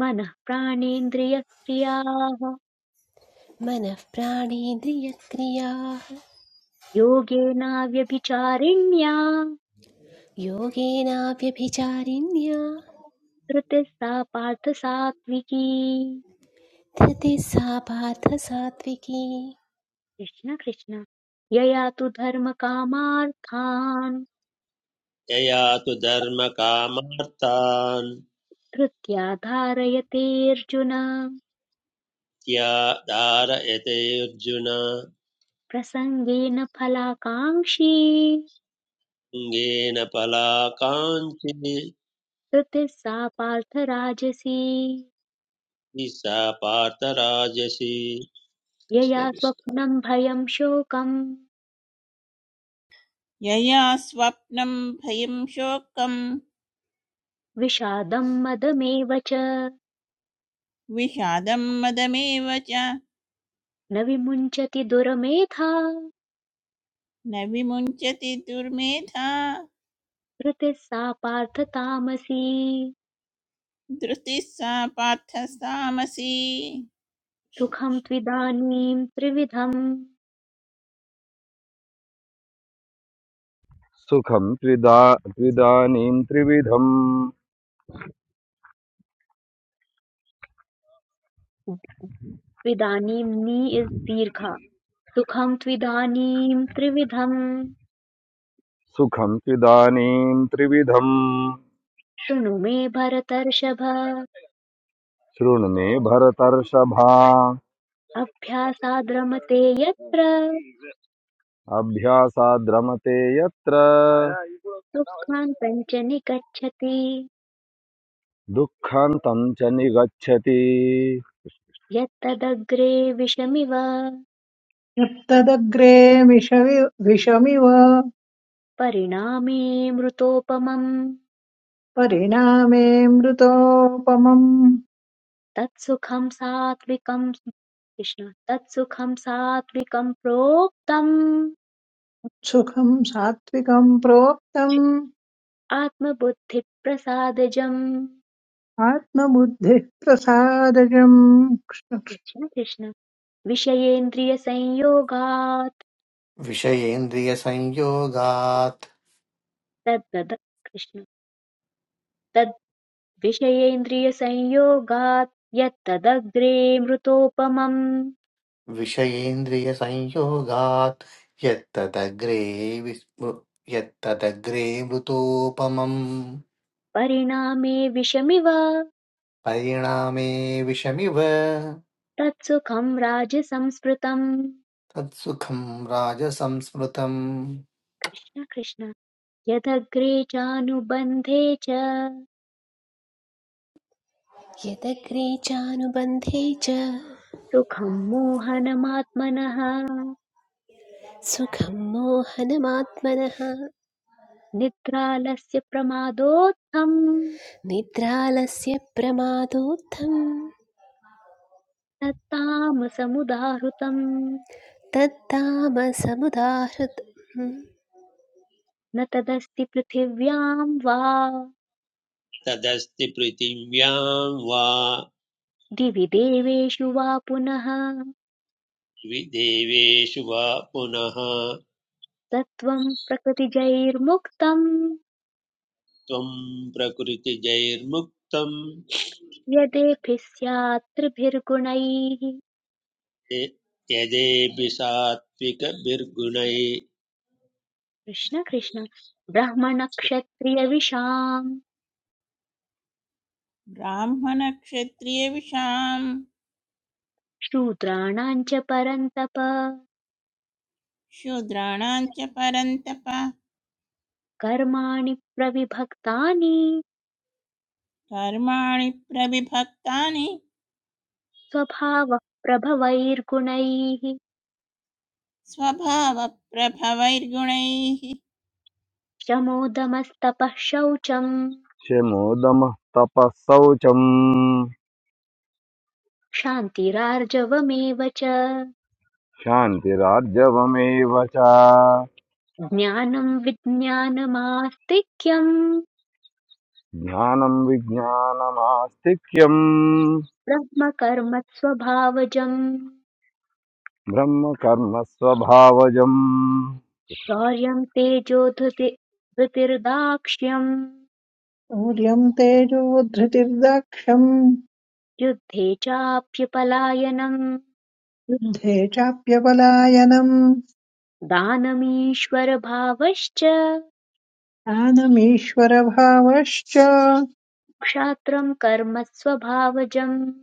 Speaker 1: मनः प्राणेन्द्रियक्रियाः
Speaker 3: मनः प्राणेन्द्रियक्रियाः
Speaker 1: योगेनाव्यभिचारिण्या
Speaker 3: योगेनाव्यभिचारिण्या
Speaker 1: धृतिः सा पार्थ सात्विकी
Speaker 3: धृतिः सा पार्थ सात्विकी
Speaker 1: कृष्ण कृष्ण यया तु धर्मकामार्थान्
Speaker 2: कृष्णया तु धर्मकामार्थान्
Speaker 1: धृत्या धारयतेऽर्जुन
Speaker 2: त्या धारयते अर्जुन
Speaker 1: प्रसङ्गेन फलाकाङ्क्षी
Speaker 2: अङ्गेन पलाकाञ्चि
Speaker 1: धृतिः सा पार्थ राजसी
Speaker 2: सा पार्थराजसी कृष्ण
Speaker 1: यया
Speaker 2: कृष्ण
Speaker 1: स्वप्नम् भयम् शोकम्
Speaker 4: यया स्वप्नं भयं शोकं
Speaker 1: विषादम् मदमेव च
Speaker 4: विषादं मदमेव च
Speaker 1: न विमुञ्चति दुरमेधा
Speaker 4: न विमुञ्चति दुर्मेधा
Speaker 1: धृतिः सा पार्थ तामसी
Speaker 4: धृतिः सा पार्थ सामसि
Speaker 1: सुखं त्विदानीं त्रिविधम्
Speaker 5: सुखं त्रिदा त्विदानीं त्रिविधम्
Speaker 1: त्विदानीं नी इस् दीर्घा सुखं त्विदानीं त्रिविधम्
Speaker 5: सुखं त्विदानीं त्रिविधम्
Speaker 1: शृणु मे भरतर्षभ
Speaker 5: शृणु मे भरतर्षभा
Speaker 1: अभ्यासाद्रमते यत्र
Speaker 5: अभ्यासाद्रमते यत्र
Speaker 1: दुःखान्तम् च निगच्छति
Speaker 5: दुःखान्तं च निगच्छति
Speaker 1: यत्तदग्रे विषमिव
Speaker 6: यत्तदग्रे विषवि विषमिव
Speaker 1: परिणामे मृतोपमम्
Speaker 6: परिणामे मृतोपमम्
Speaker 1: तत्सुखं सात्त्विकं कृष्ण तत्सुखं सात्त्विकं प्रोक्तम्
Speaker 6: सुखम् सात्विकम् प्रोक्तम्
Speaker 1: आत्मबुद्धिप्रसादजम्
Speaker 6: आत्मबुद्धिः प्रसादजम्
Speaker 1: कृष्ण कृष्ण विषयेन्द्रियसंयोगात्
Speaker 7: विषयेन्द्रियसंयोगात्
Speaker 1: तद्वद कृष्ण तद् विषयेन्द्रियसंयोगात् यत्तदग्रे मृतोपमम्
Speaker 7: विषयेन्द्रियसंयोगात् यत्तदग्रे विस्मृ यत्तदग्रे मृतोपमम्
Speaker 1: परिणामे विषमिव
Speaker 7: परिणामे विषमिव
Speaker 1: तत्सुखं राजसंस्मृतम्
Speaker 7: तत्सुखम् राजसंस्मृतम्
Speaker 1: कृष्ण कृष्ण यदग्रे चानुबन्धे च
Speaker 3: यदग्रे चानुबन्धे च
Speaker 1: सुखं मोहनमात्मनः
Speaker 3: सुखं मोहनमात्मनः
Speaker 1: निद्रालस्य प्रमादोत्थं
Speaker 3: निद्रालस्य प्रमादोत्थं
Speaker 1: तत्तामसमुदाहृतम्
Speaker 3: तत्तामसमुदाहृत् हं।
Speaker 1: न तदस्ति पृथिव्यां वा
Speaker 2: तदस्ति पृथिव्यां वा
Speaker 1: दिवि देवेषु वा पुनः
Speaker 2: देवेषु वा पुनः
Speaker 1: सत्त्वं प्रकृतिजैर्मुक्तं
Speaker 2: त्वं प्रकृतिजैर्मुक्तं
Speaker 1: यदेभिः स्यात् त्रिभिर्गुणैः
Speaker 2: य- यदेभिः सात्विकभिर्गुणै
Speaker 1: कृष्ण कृष्ण ब्राह्मणक्षत्रियविषाम्
Speaker 4: ब्राह्मणक्षत्रियविषाम्
Speaker 1: शूद्राणाम् च परन्तप
Speaker 4: शूद्राणां च परन्तप
Speaker 1: कर्माणि प्रविभक्तानि
Speaker 4: कर्माणि प्रविभक्तानि
Speaker 1: स्वभावः प्रभवैर्गुणैः
Speaker 4: स्वभावप्रभवैर्गुणैः
Speaker 1: शमोदमस्तपः शौचम्
Speaker 5: शमोदमः तपः शौचम्
Speaker 1: क्षान्तिरार्जवमेव च
Speaker 5: क्षान्तिरार्जवमेव च
Speaker 1: ज्ञानम् विज्ञानमास्तिक्यम्
Speaker 5: ज्ञानं विज्ञानमास्तिक्यम्
Speaker 1: ब्रह्मकर्म स्वभावजम्
Speaker 5: ब्रह्म कर्म स्वभावजम्
Speaker 1: शौर्यम् तेजोधृति धृतिर्दाक्ष्यम्
Speaker 6: शौर्यम् तेजोधृतिर्दाक्षम्
Speaker 1: युद्धे चाप्युपलायनम्
Speaker 6: युद्धे चाप्यपलायनम्
Speaker 1: दानमीश्वरभावश्च
Speaker 6: ज्ञानमीश्वरभावश्च
Speaker 1: क्षात्रम् कर्म स्वभावजम्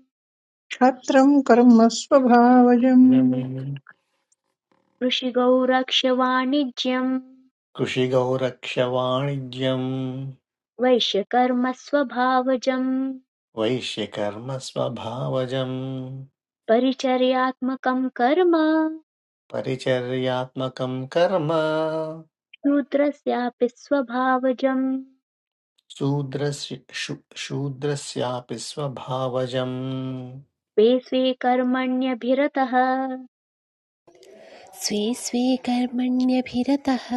Speaker 6: क्षत्रम् कर्म स्वभावजम्
Speaker 1: कृषिगौरक्षवाणिज्यं
Speaker 7: कृषिगौरक्षवाणिज्यम्
Speaker 1: वैश्यकर्मस्वभावजं
Speaker 7: वैश्यकर्म स्वभावजम्
Speaker 1: परिचर्यात्मकं कर्म
Speaker 7: परिचर्यात्मकं कर्म
Speaker 1: शूद्रस्यापि स्वभावजं
Speaker 7: शूद्रस्य शू- शूद्रस्यापि स्वभावजम्
Speaker 1: स्वे स्वे कर्मण्यभिरतः
Speaker 3: स्वे स्वे कर्मण्यभिरतः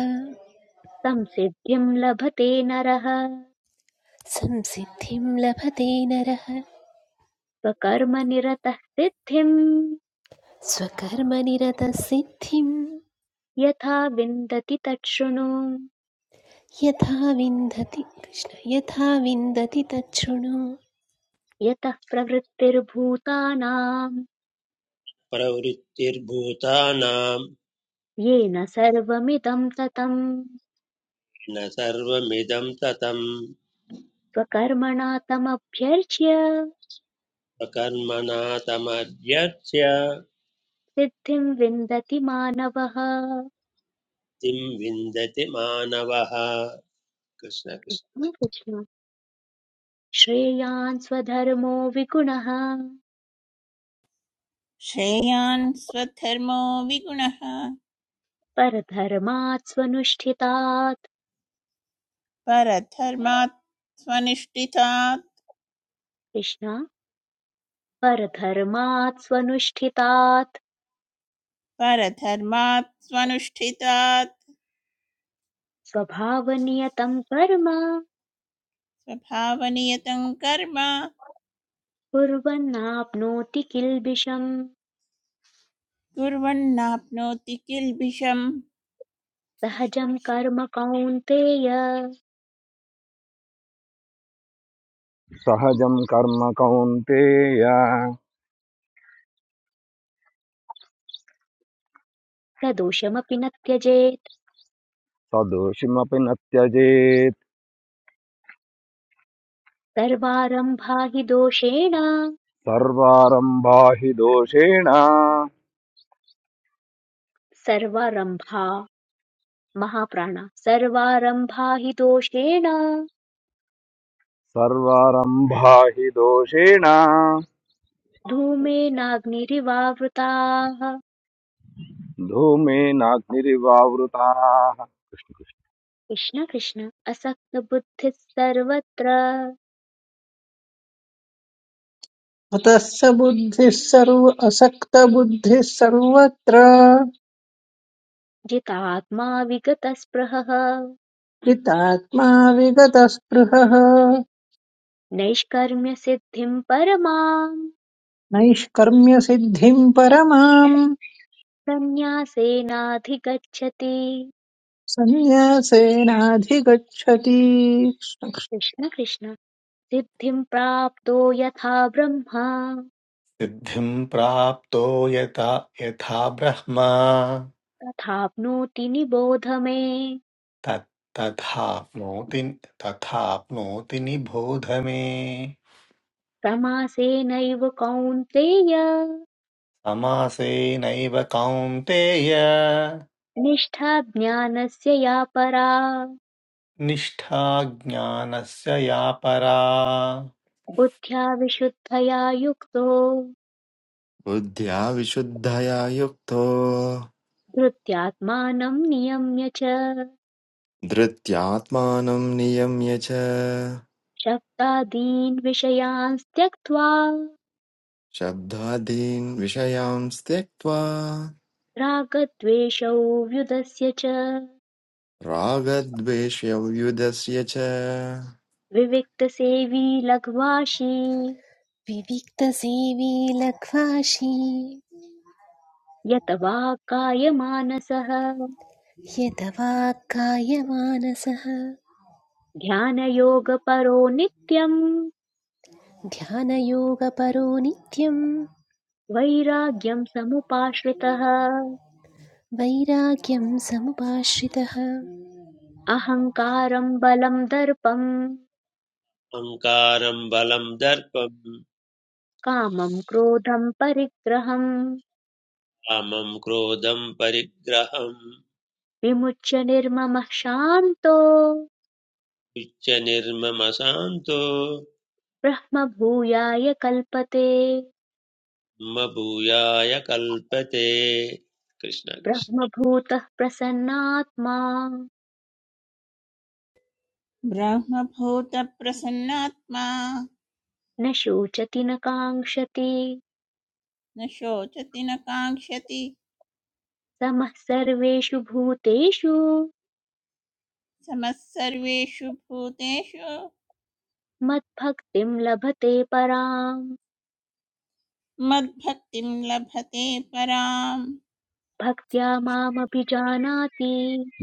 Speaker 1: संसिद्धिं लभते नरः
Speaker 3: संसिद्धिं लभते नरः
Speaker 1: स्वकर्मनिरतः सिद्धिं
Speaker 3: स्वकर्मनिरतसिद्धिं
Speaker 1: यथा विन्दति तच्छृणु
Speaker 3: यथा विन्दति कृष्ण यथा विन्दति तच्छृणु
Speaker 1: यतः प्रवृत्तिर्भूतानां
Speaker 2: प्रवृत्तिर्भूतानां
Speaker 1: येन सर्वमिदं ततम्
Speaker 2: न सर्वमिदं ततं
Speaker 1: स्वकर्मणा तमभ्यर्च्य
Speaker 2: स्वकर्मणा तमभ्यर्च्य
Speaker 1: सिद्धिं विन्दति मानवः
Speaker 2: किं विन्दति मानवः कृष्ण कृष्ण
Speaker 1: कृष्ण कृष्ण। श्रेयान् स्वधर्मो विगुणः
Speaker 4: श्रेयान् स्वधर्मो विगुणः
Speaker 1: परधर्मात् स्वनुष्ठितात्
Speaker 4: परधर्मात् स्वनिष्ठितात्
Speaker 1: कृष्ण परधर्मात् स्वनुष्ठितात्
Speaker 4: परधर्मात् स्वनुष्ठितात्
Speaker 1: स्वभावनियतं कर्म
Speaker 4: स्वभावनियतं कर्म
Speaker 1: कुर्वन्नाप्नोति किल्बिषम्
Speaker 4: कुर्वन्नाप्नोति किल्बिषम्
Speaker 1: सहजं कर्म कौन्तेय
Speaker 5: सहजं कर्म कौन्तेय
Speaker 1: सदोषमपि न त्यजेत्
Speaker 5: सदोषिमपि न त्यजेत्
Speaker 1: सर्वारम्भा हि दोषेण
Speaker 5: सर्वारम्भा हि दोषेण
Speaker 1: सर्वारम्भा महाप्राण सर्वारम्भा हि दोषेण
Speaker 5: सर्वारम्भा हि दोषेण
Speaker 1: धूमेनाग्निरिवावृताः
Speaker 5: धूमेनाग्निरिवावृताः कृष्ण कृष्ण।
Speaker 1: कृष्ण कृष्ण असक्तबुद्धिः सर्वत्र
Speaker 6: अतः स बुद्धिः सर्व असक्तबुद्धिः सर्वत्र
Speaker 1: जितात्मा विगतस्पृहः
Speaker 6: कृतात्मा विगतस्पृहः
Speaker 1: नैष्कर्म्य सिद्धिं परमाम्
Speaker 6: नैष्कर्म्यसिद्धिम् परमाम्
Speaker 1: सन्न्यासेनाधिगच्छति
Speaker 6: सन्न्यासेनाधिगच्छति
Speaker 1: कृष्ण कृष्ण सिद्धिं प्राप्तो यथा ब्रह्मा
Speaker 7: सिद्धिं प्राप्तो यथा यथा ब्रह्मा
Speaker 1: तथाप्नोति निबोध मे
Speaker 7: तत् तथाप्नोति तथाप्नोति निबोध मे
Speaker 1: समासेनैव कौन्तेय
Speaker 7: समासेनैव कौन्तेय
Speaker 1: निष्ठा ज्ञानस्य या परा
Speaker 7: निष्ठा ज्ञानस्य या परा
Speaker 1: बुद्ध्या विशुद्धया युक्तो
Speaker 8: बुद्ध्या विशुद्धया युक्तो
Speaker 1: धृत्यात्मानं नियम्य च
Speaker 8: धृत्यात्मानं नियम्य च
Speaker 1: शब्दादीन् विषयान् त्यक्त्वा
Speaker 8: शब्दादीन् विषयान् त्यक्त्वा
Speaker 1: रागद्वेषौ व्युदस्य च
Speaker 8: रागद्वेषव्युधस्य च
Speaker 1: विविक्तसेवी लघ्वाशी
Speaker 3: विविक्तसेवी लघ्वाशी
Speaker 1: यत वा कायमानसः
Speaker 3: यतवाक्कायमानसः
Speaker 1: ध्यानयोगपरो नित्यम्
Speaker 3: ध्यानयोगपरो नित्यं
Speaker 1: वैराग्यं समुपाश्रितः
Speaker 3: वैराग्यं समुपाश्रितः
Speaker 1: अहङ्कारं बलं दर्पम्
Speaker 2: अहङ्कारं बलं दर्पं
Speaker 1: कामं क्रोधं परिग्रहं
Speaker 2: कामं क्रोधं परिग्रहम्
Speaker 1: विमुच्य निर्ममः शान्तो
Speaker 2: उच्य निर्ममशान्तो
Speaker 1: ब्रह्मभूयाय कल्पते
Speaker 2: म भूयाय कल्पते कृष्ण कृष्ण।
Speaker 1: ब्रह्मभूतः प्रसन्नात्मा
Speaker 4: ब्रह्मभूतप्रसन्नात्मा
Speaker 1: न शोचति न काङ्क्षति
Speaker 4: न शोचति न काङ्क्षति
Speaker 1: समः सर्वेषु भूतेषु
Speaker 4: समः सर्वेषु भूतेषु
Speaker 1: मद्भक्तिं लभते पराम्
Speaker 4: मद्भक्तिं लभते पराम्
Speaker 1: भक्त्या मामभिजानाति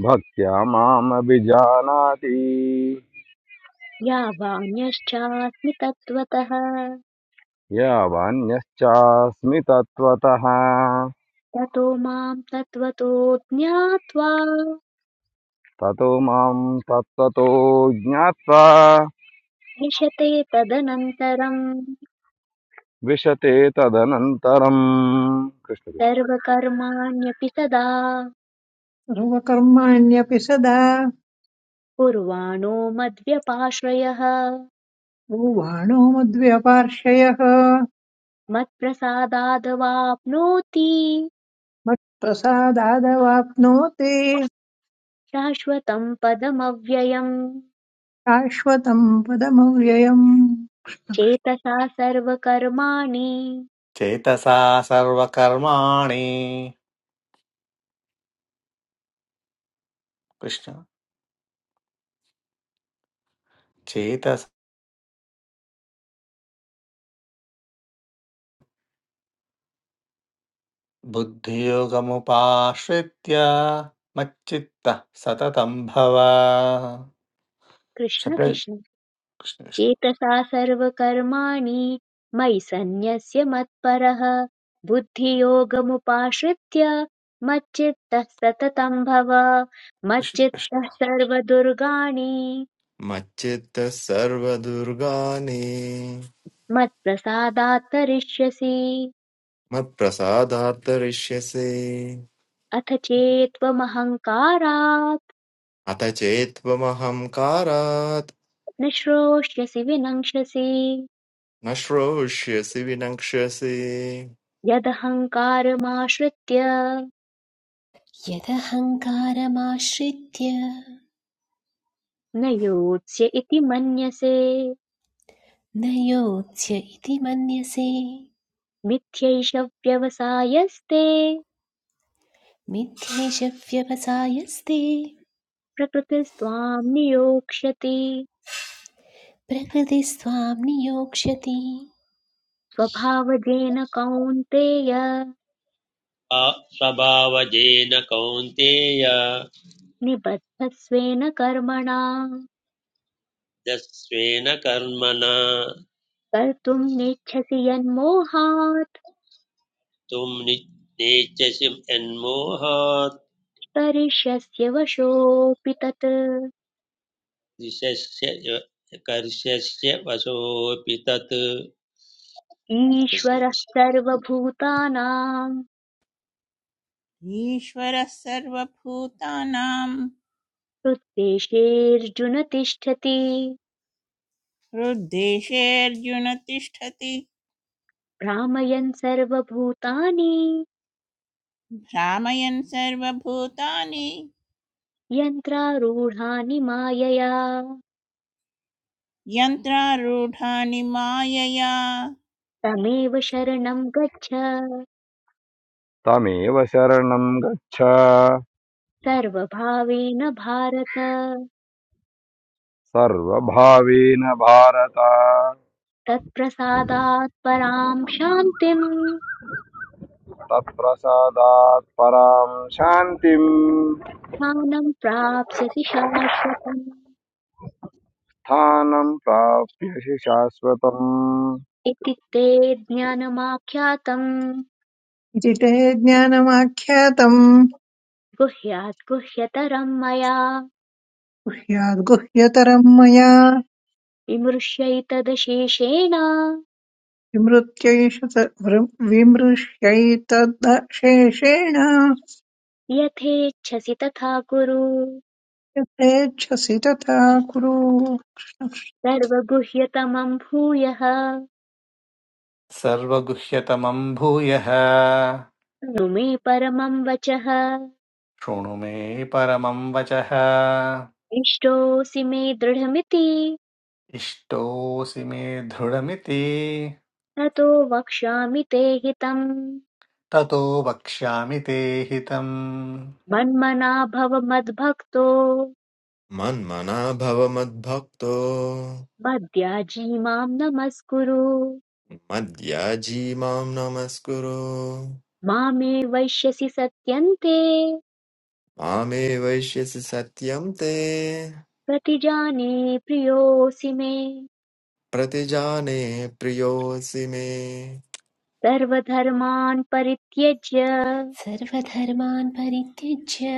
Speaker 5: भक्त्या मामभिजानाति
Speaker 1: यावान्यश्चास्मि तत्त्वतः
Speaker 5: यावान्यश्चास्मि तत्त्वतः
Speaker 1: ततो मां तत्त्वतो ज्ञात्वा
Speaker 5: ततो मां तत्त्वतो ज्ञात्वा
Speaker 1: विशते तदनन्तरम्
Speaker 5: विशते तदनन्तरम् कृष्ण कृष्ण
Speaker 1: सर्वकर्माण्यपि सदा
Speaker 6: सर्वकर्माण्यपि सदा
Speaker 1: कुर्वाणो मद्व्यपाश्रयः
Speaker 6: ब्रुवाणो मद्व्यपार्श्वयः
Speaker 1: मत्प्रसादादवाप्नोति
Speaker 6: मत्प्रसादादवाप्नोति
Speaker 1: शाश्वतम् पदमव्ययम्
Speaker 6: शाश्वतम् पदमव्ययम्
Speaker 1: चेतसा सर्वकर्माणि
Speaker 7: चेतसा सर्वकर्माणि कृष्ण चेतस बुद्धियोगमुपाश्रित्य मच्चित्तः सततं भव
Speaker 1: कृष्ण
Speaker 7: षड्
Speaker 1: कृष्ण
Speaker 7: कृष्ण कृष्ण
Speaker 1: चेतसा सर्वकर्माणि मयि सन्न्यस्य मत्परः बुद्धियोगमुपाश्रित्य मच्चित्तः सततं भव
Speaker 7: कृष्ण कृष्ण।
Speaker 1: मच्चित्तः सर्वदुर्गाणि
Speaker 8: मच्चित्तः सर्वदुर्गाणि
Speaker 1: मत्प्रसादात् तरिष्यसि
Speaker 8: मत्प्रसादात्तरिष्यसि
Speaker 1: अथ चेत्त्वमहङ्कारात्
Speaker 8: अथ चेत्त्वमहङ्कारात्
Speaker 1: न श्रोष्यसि विनङ्क्षसि
Speaker 8: न श्रोष्यसि विनक्ष्यसि
Speaker 1: यदहङ्कारमाश्रित्य
Speaker 3: यदहङ्कारमाश्रित्य
Speaker 1: न योत्स्य इति मन्यसे
Speaker 3: न योत्स्य इति मन्यसे
Speaker 1: मिथ्यैष व्यवसायस्ते
Speaker 3: मिथ्येशव्यवसायस्ते
Speaker 1: प्रकृतिस्त्वां नियोक्ष्यति
Speaker 3: प्रकृतिस्त्वां नियोक्ष्यति
Speaker 1: स्वभावजेन कौन्तेय
Speaker 2: आ- स्वभावजेन कौन्तेय
Speaker 1: निबद्धस्वेन कर्मणा
Speaker 2: यस्वेन कर्मणा
Speaker 1: कर्तुम् नेच्छसि यन्मोहात्
Speaker 2: तुं नि- नेच्छसि यन्मोहात्
Speaker 1: करिष्यस्य वशोऽपि तत्
Speaker 2: दिशस्य कर्षस्य वशोऽपि तत् कृष्ण
Speaker 1: ईश्वरः
Speaker 2: कृष्ण।
Speaker 1: सर्वभूतानां
Speaker 4: ईश्वरः सर्वभूतानां
Speaker 1: हृद्देशेऽर्जुन तिष्ठति
Speaker 4: हृद्देशेऽर्जुन तिष्ठति
Speaker 1: भ्रामयन् सर्वभूतानि
Speaker 4: भ्रामयन् सर्वभूतानि
Speaker 1: यन्त्रारूढानि मायया
Speaker 4: यन्त्रारूढानि मायया
Speaker 1: तमेव शरणं गच्छ
Speaker 5: तमेव शरणं गच्छ
Speaker 1: सर्वभावेन भारत
Speaker 5: सर्वभावेन भारत
Speaker 1: तत्प्रसादात् परां शान्तिम्
Speaker 5: तत्प्रसादात् परां शान्तिं
Speaker 1: ज्ञानम् प्राप्स्यसि शाश्वतम्
Speaker 5: स्थानं प्राप्यसि शाश्वतम्
Speaker 1: इति ते ज्ञानमाख्यातम्
Speaker 6: इति ते ज्ञानमाख्यातम्
Speaker 1: गुह्यात् गुह्यतरम् मया
Speaker 6: ह्याद्गुह्यतरम् मया
Speaker 1: विमृश्यैतदशेषेण
Speaker 6: विमृत्यैष त- विमृश्यैतदशेषेण
Speaker 1: यथेच्छसि तथा कुरु
Speaker 6: यथेच्छसि तथा कुरु
Speaker 1: सर्वगुह्यतमम् भूयः
Speaker 7: सर्वगुह्यतमं भूयः
Speaker 1: शृणु मे परमम् वचः
Speaker 7: शृणु मे परमं वचः
Speaker 1: इष्टोऽसि मे दृढमिति
Speaker 7: इष्टोऽसि मे दृढमिति
Speaker 1: ततो वक्ष्यामि ते हितम्
Speaker 7: ततो वक्ष्यामि ते हितम्
Speaker 1: मन्मना भव मद्भक्तो
Speaker 8: मन्मना भव मद्भक्तो
Speaker 1: मद्याजी माम् नमस्कुरु
Speaker 8: मद्याजी मां नमस्कुरु
Speaker 1: मामे वैश्यसि सत्यन्ते
Speaker 8: मामे वैश्यसि सत्यं ते
Speaker 1: प्रतिजाने प्रियोऽसि मे
Speaker 8: प्रतिजाने प्रियोऽसि मे
Speaker 1: सर्वधर्मान् परित्यज्य
Speaker 3: सर्वधर्मान् परित्यज्य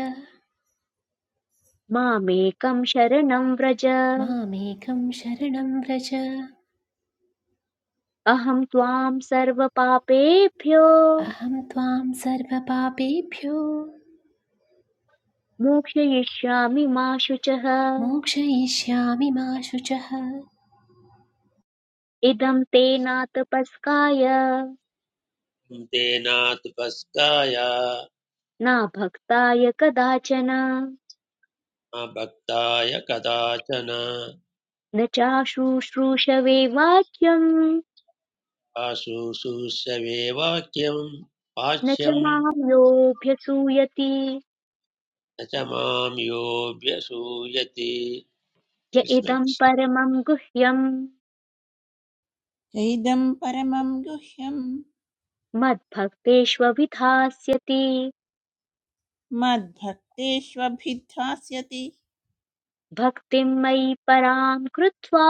Speaker 1: मामेकं शरणं व्रज
Speaker 3: मामेकं शरणं व्रज
Speaker 1: अहं त्वां सर्वपापेभ्यो
Speaker 3: अहं त्वां सर्वपापेभ्यो
Speaker 1: मोक्षयिष्यामि मा शुचः
Speaker 3: मोक्षयिष्यामि मा शुचः
Speaker 1: इदं ते नातपस्काय
Speaker 2: तेनातु भस्काय
Speaker 1: नाभक्ताय कदाचन
Speaker 2: न भक्ताय कदाचन
Speaker 1: न चाशुश्रूषवे वाक्यम्
Speaker 2: आशुशूषवे वाक्यं
Speaker 1: न च
Speaker 2: वाच्यं
Speaker 1: मां योऽभ्यसूयति
Speaker 2: न च मां योऽभ्यसूयति
Speaker 1: य
Speaker 2: कृष्ण
Speaker 1: इदम्
Speaker 2: कृष्ण।
Speaker 1: परमम् गुह्यम्
Speaker 4: चैदं परमं गुह्यं
Speaker 1: मद्भक्तेष्वभिधास्यति
Speaker 4: मद्भक्तेष्वभिधास्यति
Speaker 1: भक्तिम् मयि पराम् कृत्वा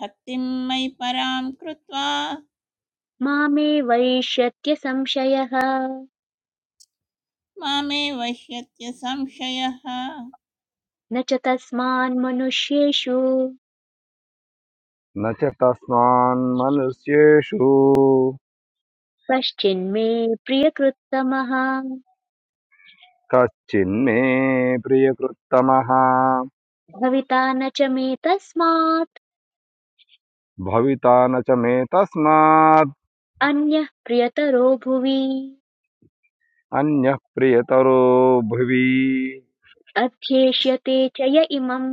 Speaker 4: भक्तिं मयि परां कृत्वा
Speaker 1: मामे वैष्यत्य संशयः
Speaker 4: मामे वह्यत्य संशयः
Speaker 1: न च तस्मान्मनुष्येषु
Speaker 5: न च तस्मान्मनुष्येषु
Speaker 1: कश्चिन्मे प्रियकृत्तमः
Speaker 5: कश्चिन्मे प्रियकृत्तमः
Speaker 1: भविता न च मे तस्मात्
Speaker 5: भविता न च मे तस्मात्
Speaker 1: अन्यः प्रियतरो भुवि
Speaker 5: अन्यः प्रियतरो भुवि
Speaker 1: अध्येष्यते च य इमम्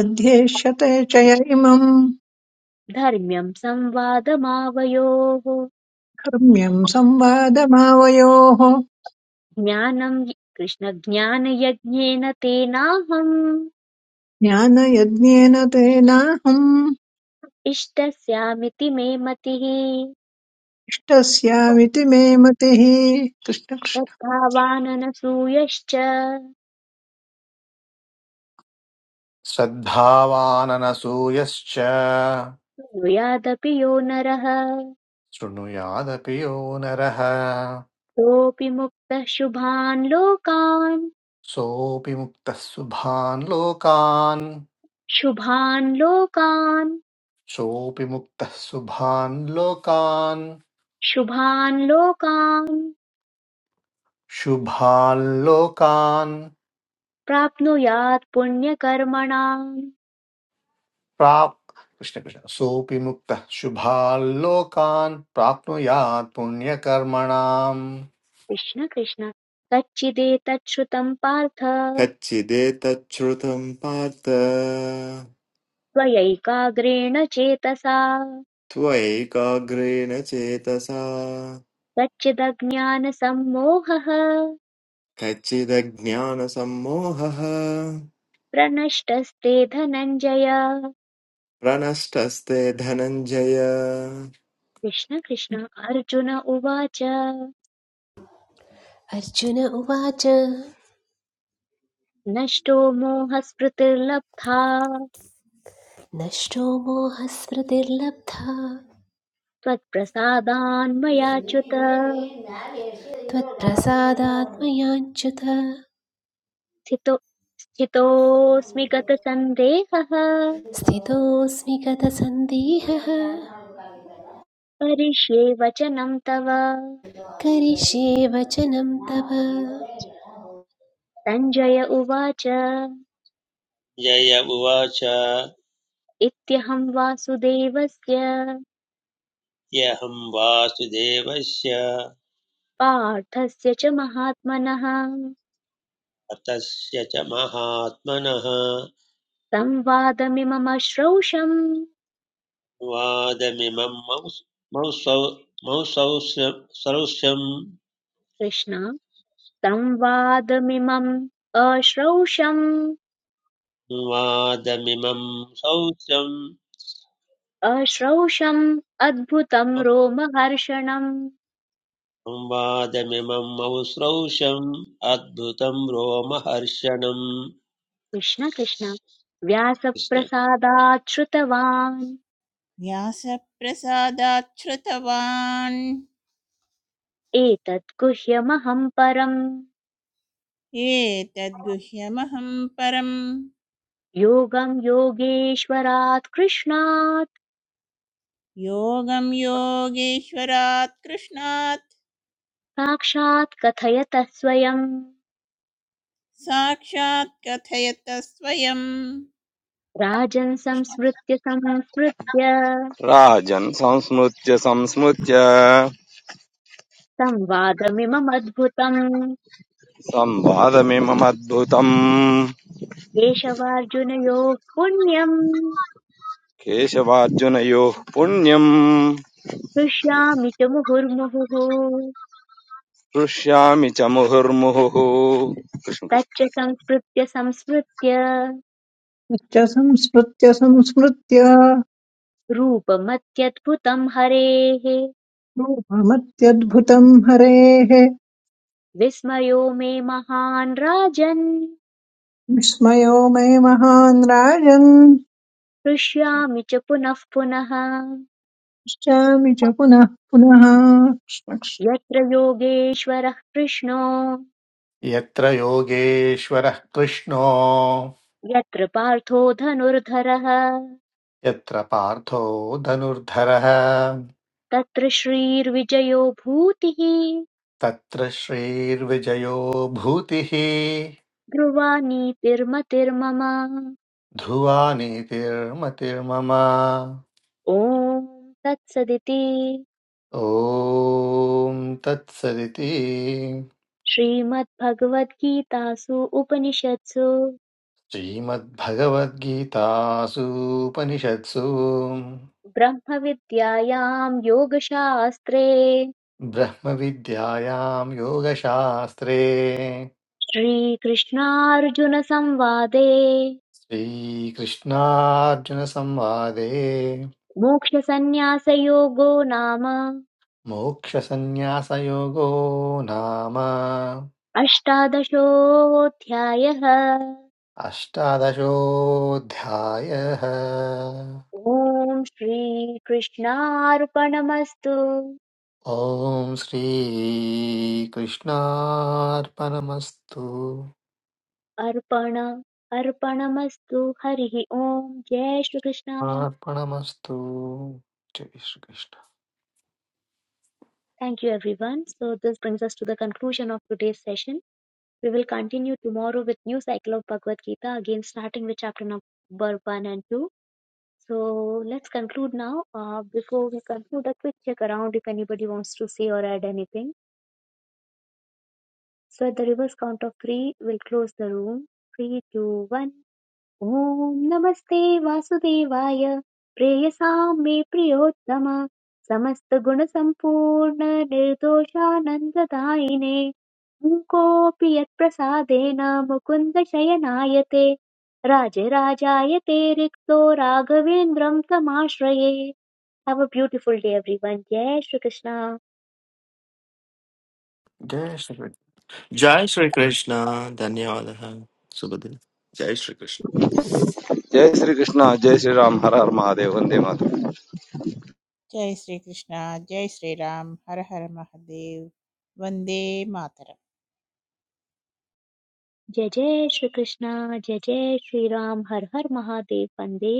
Speaker 6: अध्येष्यते च य इमम्
Speaker 1: धर्म्यम् संवादमावयोः
Speaker 6: कर्म्यम् संवादमावयोः
Speaker 1: ज्ञानम् कृष्णज्ञानयज्ञेन तेनाहम्
Speaker 6: ज्ञानयज्ञेन तेनाहम्
Speaker 1: इष्टस्यामिति मे मतिः
Speaker 6: इष्टस्यामिति मे मतिः कृष्णकृष्णश्च
Speaker 1: श्रद्धावाननसूयश्च
Speaker 7: श्रद्धावाननसूयश्च
Speaker 1: कुर्यादपि यो नरः
Speaker 7: शृणुयादपि यो नरः
Speaker 1: सोऽपि मुक्तः शुभान् लोकान्
Speaker 7: सोऽपि मुक्तः शुभान् लोकान्
Speaker 1: शुभान् लोकान्
Speaker 7: सोऽपि मुक्तः शुभान् लोकान्
Speaker 1: शुभान् लोकान्
Speaker 7: शुभान् लोकान्
Speaker 1: प्राप्नुयात् पुण्यकर्मणाम्
Speaker 7: प्राप् कृष्णकृष्ण सोऽपि मुक्तः शुभान् लोकान् प्राप्नुयात् पुण्यकर्मणाम्
Speaker 1: कृष्ण कृष्ण कच्चिदेतच्छ्रुतम् पार्थ
Speaker 8: कच्चिदेतच्छ्रुतं पार्थ
Speaker 1: त्वयैकाग्रेण चेतसा
Speaker 8: त्वैकाग्रेण चेतसा
Speaker 1: कच्चिदज्ञानसम्मोहः
Speaker 8: कच्चिदज्ञानसम्मोहः
Speaker 1: प्रनष्टस्ते धनञ्जय
Speaker 8: प्रनष्टस्ते धनञ्जय
Speaker 1: कृष्ण कृष्ण अर्जुन उवाच
Speaker 3: अर्जुन उवाच
Speaker 1: नष्टो मोहस्मृतिर्लब्धा
Speaker 3: नष्टो मोहस्मृतिर्लब्धा
Speaker 1: त्वत्प्रसादान्मयाच्युत
Speaker 3: त्वत्प्रसादात्मयाञ्च्युत
Speaker 1: स्थितो स्थितोऽस्मि गतसन्देहः
Speaker 3: स्थितोऽस्मि गतसन्देहः
Speaker 1: करिष्ये वचनं तव
Speaker 3: करिष्ये वचनं तव
Speaker 1: सञ्जय उवाच
Speaker 2: जय उवाच ह्यहं
Speaker 1: इत्यहं वासुदेवस्य
Speaker 2: वासुदेवस्य
Speaker 1: पार्थस्य च महात्मनः
Speaker 2: अतस्य च महात्मनः
Speaker 1: संवादमिमम् अश्रौषम्
Speaker 2: वादमिमं मौसौ मौसौ सौस्यं
Speaker 1: कृष्ण संवादमिमम् अश्रौषम्
Speaker 2: वादमिमं सौस्यं
Speaker 1: अश्रौषम् अद्भुतम् रोमहर्षणम्
Speaker 2: संवादमिमं मौस्रौषम् अद्भुतं रोमहर्षणम्
Speaker 1: कृष्ण कृष्ण
Speaker 2: कृष्ण।
Speaker 1: व्यासप्रसादात् श्रुतवान्
Speaker 4: व्यासप्रसादाच्छ्रुतवान्
Speaker 1: एतत् गुह्यमहम् परम्
Speaker 4: एतद्गुह्यमहं परं
Speaker 1: योगं योगेश्वरात् कृष्णात्
Speaker 4: योगं योगेश्वरात् कृष्णात्
Speaker 1: साक्षात् कथयतः स्वयम्
Speaker 4: साक्षात् कथयत स्वयं
Speaker 1: राजन्
Speaker 4: कृष्ण
Speaker 1: संस्मृत्य संस्मृत्य
Speaker 5: राजन् संस्मृत्य संस्मृत्य
Speaker 1: संवादमिममद्भुतम्
Speaker 5: संवादमिममद्भुतम्
Speaker 1: केशवार्जुनयोः पुण्यम्
Speaker 5: केशवार्जुनयोः पुण्यम्
Speaker 1: हृष्यामि च मुहुर्मुहुः
Speaker 5: हृष्यामि च मुहुर्मुहुः कृष्ण कृष्ण
Speaker 1: तच्च संस्मृत्य संस्मृत्य
Speaker 6: संस्मृत्य संस्मृत्य
Speaker 1: रूपमत्यद्भुतम् हरेः
Speaker 6: रूपमत्यद्भुतम् हरेः
Speaker 1: विस्मयो मे महान् राजन्
Speaker 6: विस्मयो मे महान् राजन्
Speaker 1: हृष्यामि च पुनः पुनः
Speaker 6: इच्छामि च पुनः पुनः
Speaker 1: यत्र योगेश्वरः कृष्णो
Speaker 7: यत्र योगेश्वरः कृष्णो
Speaker 1: यत्र पार्थो धनुर्धरः
Speaker 7: यत्र पार्थो धनुर्धरः
Speaker 1: तत्र श्रीर्विजयो भूतिः
Speaker 7: तत्र श्रीर्विजयो भूतिः
Speaker 1: ध्रुवा नीतिर्मतिर्मम
Speaker 7: ध्रुवा नेतिर्मतिर्मम
Speaker 1: ॐ तत्सदिति
Speaker 7: ॐ तत्सदिति
Speaker 1: श्रीमद्भगवद्गीतासु उपनिषत्सु
Speaker 7: श्रीमद्भगवद्गीतासूपनिषत्सु
Speaker 1: ब्रह्मविद्यायां योगशास्त्रे
Speaker 7: ब्रह्मविद्यायां योगशास्त्रे
Speaker 1: श्रीकृष्णार्जुनसंवादे
Speaker 7: श्रीकृष्णार्जुनसंवादे
Speaker 1: मोक्षसन्न्यासयोगो नाम
Speaker 7: मोक्षसन्न्यासयोगो नाम
Speaker 1: अष्टादशोऽध्यायः
Speaker 7: अष्टादशोऽध्यायः
Speaker 1: ॐ श्रीकृष्णार्पणमस्तु
Speaker 7: ॐ श्रीकृष्णार्पणमस्तु
Speaker 1: अर्पण अर्पणमस्तु हरिः ॐ जय श्री Krishna
Speaker 7: अर्पणमस्तु जय Shri Krishna
Speaker 1: Thank you everyone. So this brings us to the conclusion of today's session. We will continue tomorrow with new cycle of Bhagavad Gita again starting with chapter number 1 and 2. So let's conclude now. Uh, before we conclude, a quick check around if anybody wants to say or add anything. So at the reverse count of three, we'll close the room. Three, two, one. Om Namaste Vasudevaya, ॐ नमस्ते वासुदेवाय प्रेयसां मे प्रियोत्तम समस्तगुणसम्पूर्ण निर्दोषानन्ददायिने मूकोऽपि यत्प्रसादेन Mukunda Rajayate राजराजायते रिक्तो Tamashraye, Have a beautiful day everyone, everyone Shri Krishna.
Speaker 7: जय श्रीकृष्ण
Speaker 8: जय श्रीकृष्ण धन्यवादः शुभदिनं जय श्रीकृष्ण
Speaker 5: जय श्री कृष्ण जय श्री राम हर हर महादेव वंदे मातरम
Speaker 4: जय श्रीकृष्ण जय श्रीराम हर हर महादेव वन्दे मातरम्
Speaker 1: जय जय श्री कृष्णा जय जय श्री राम हर हर महादेव वंदे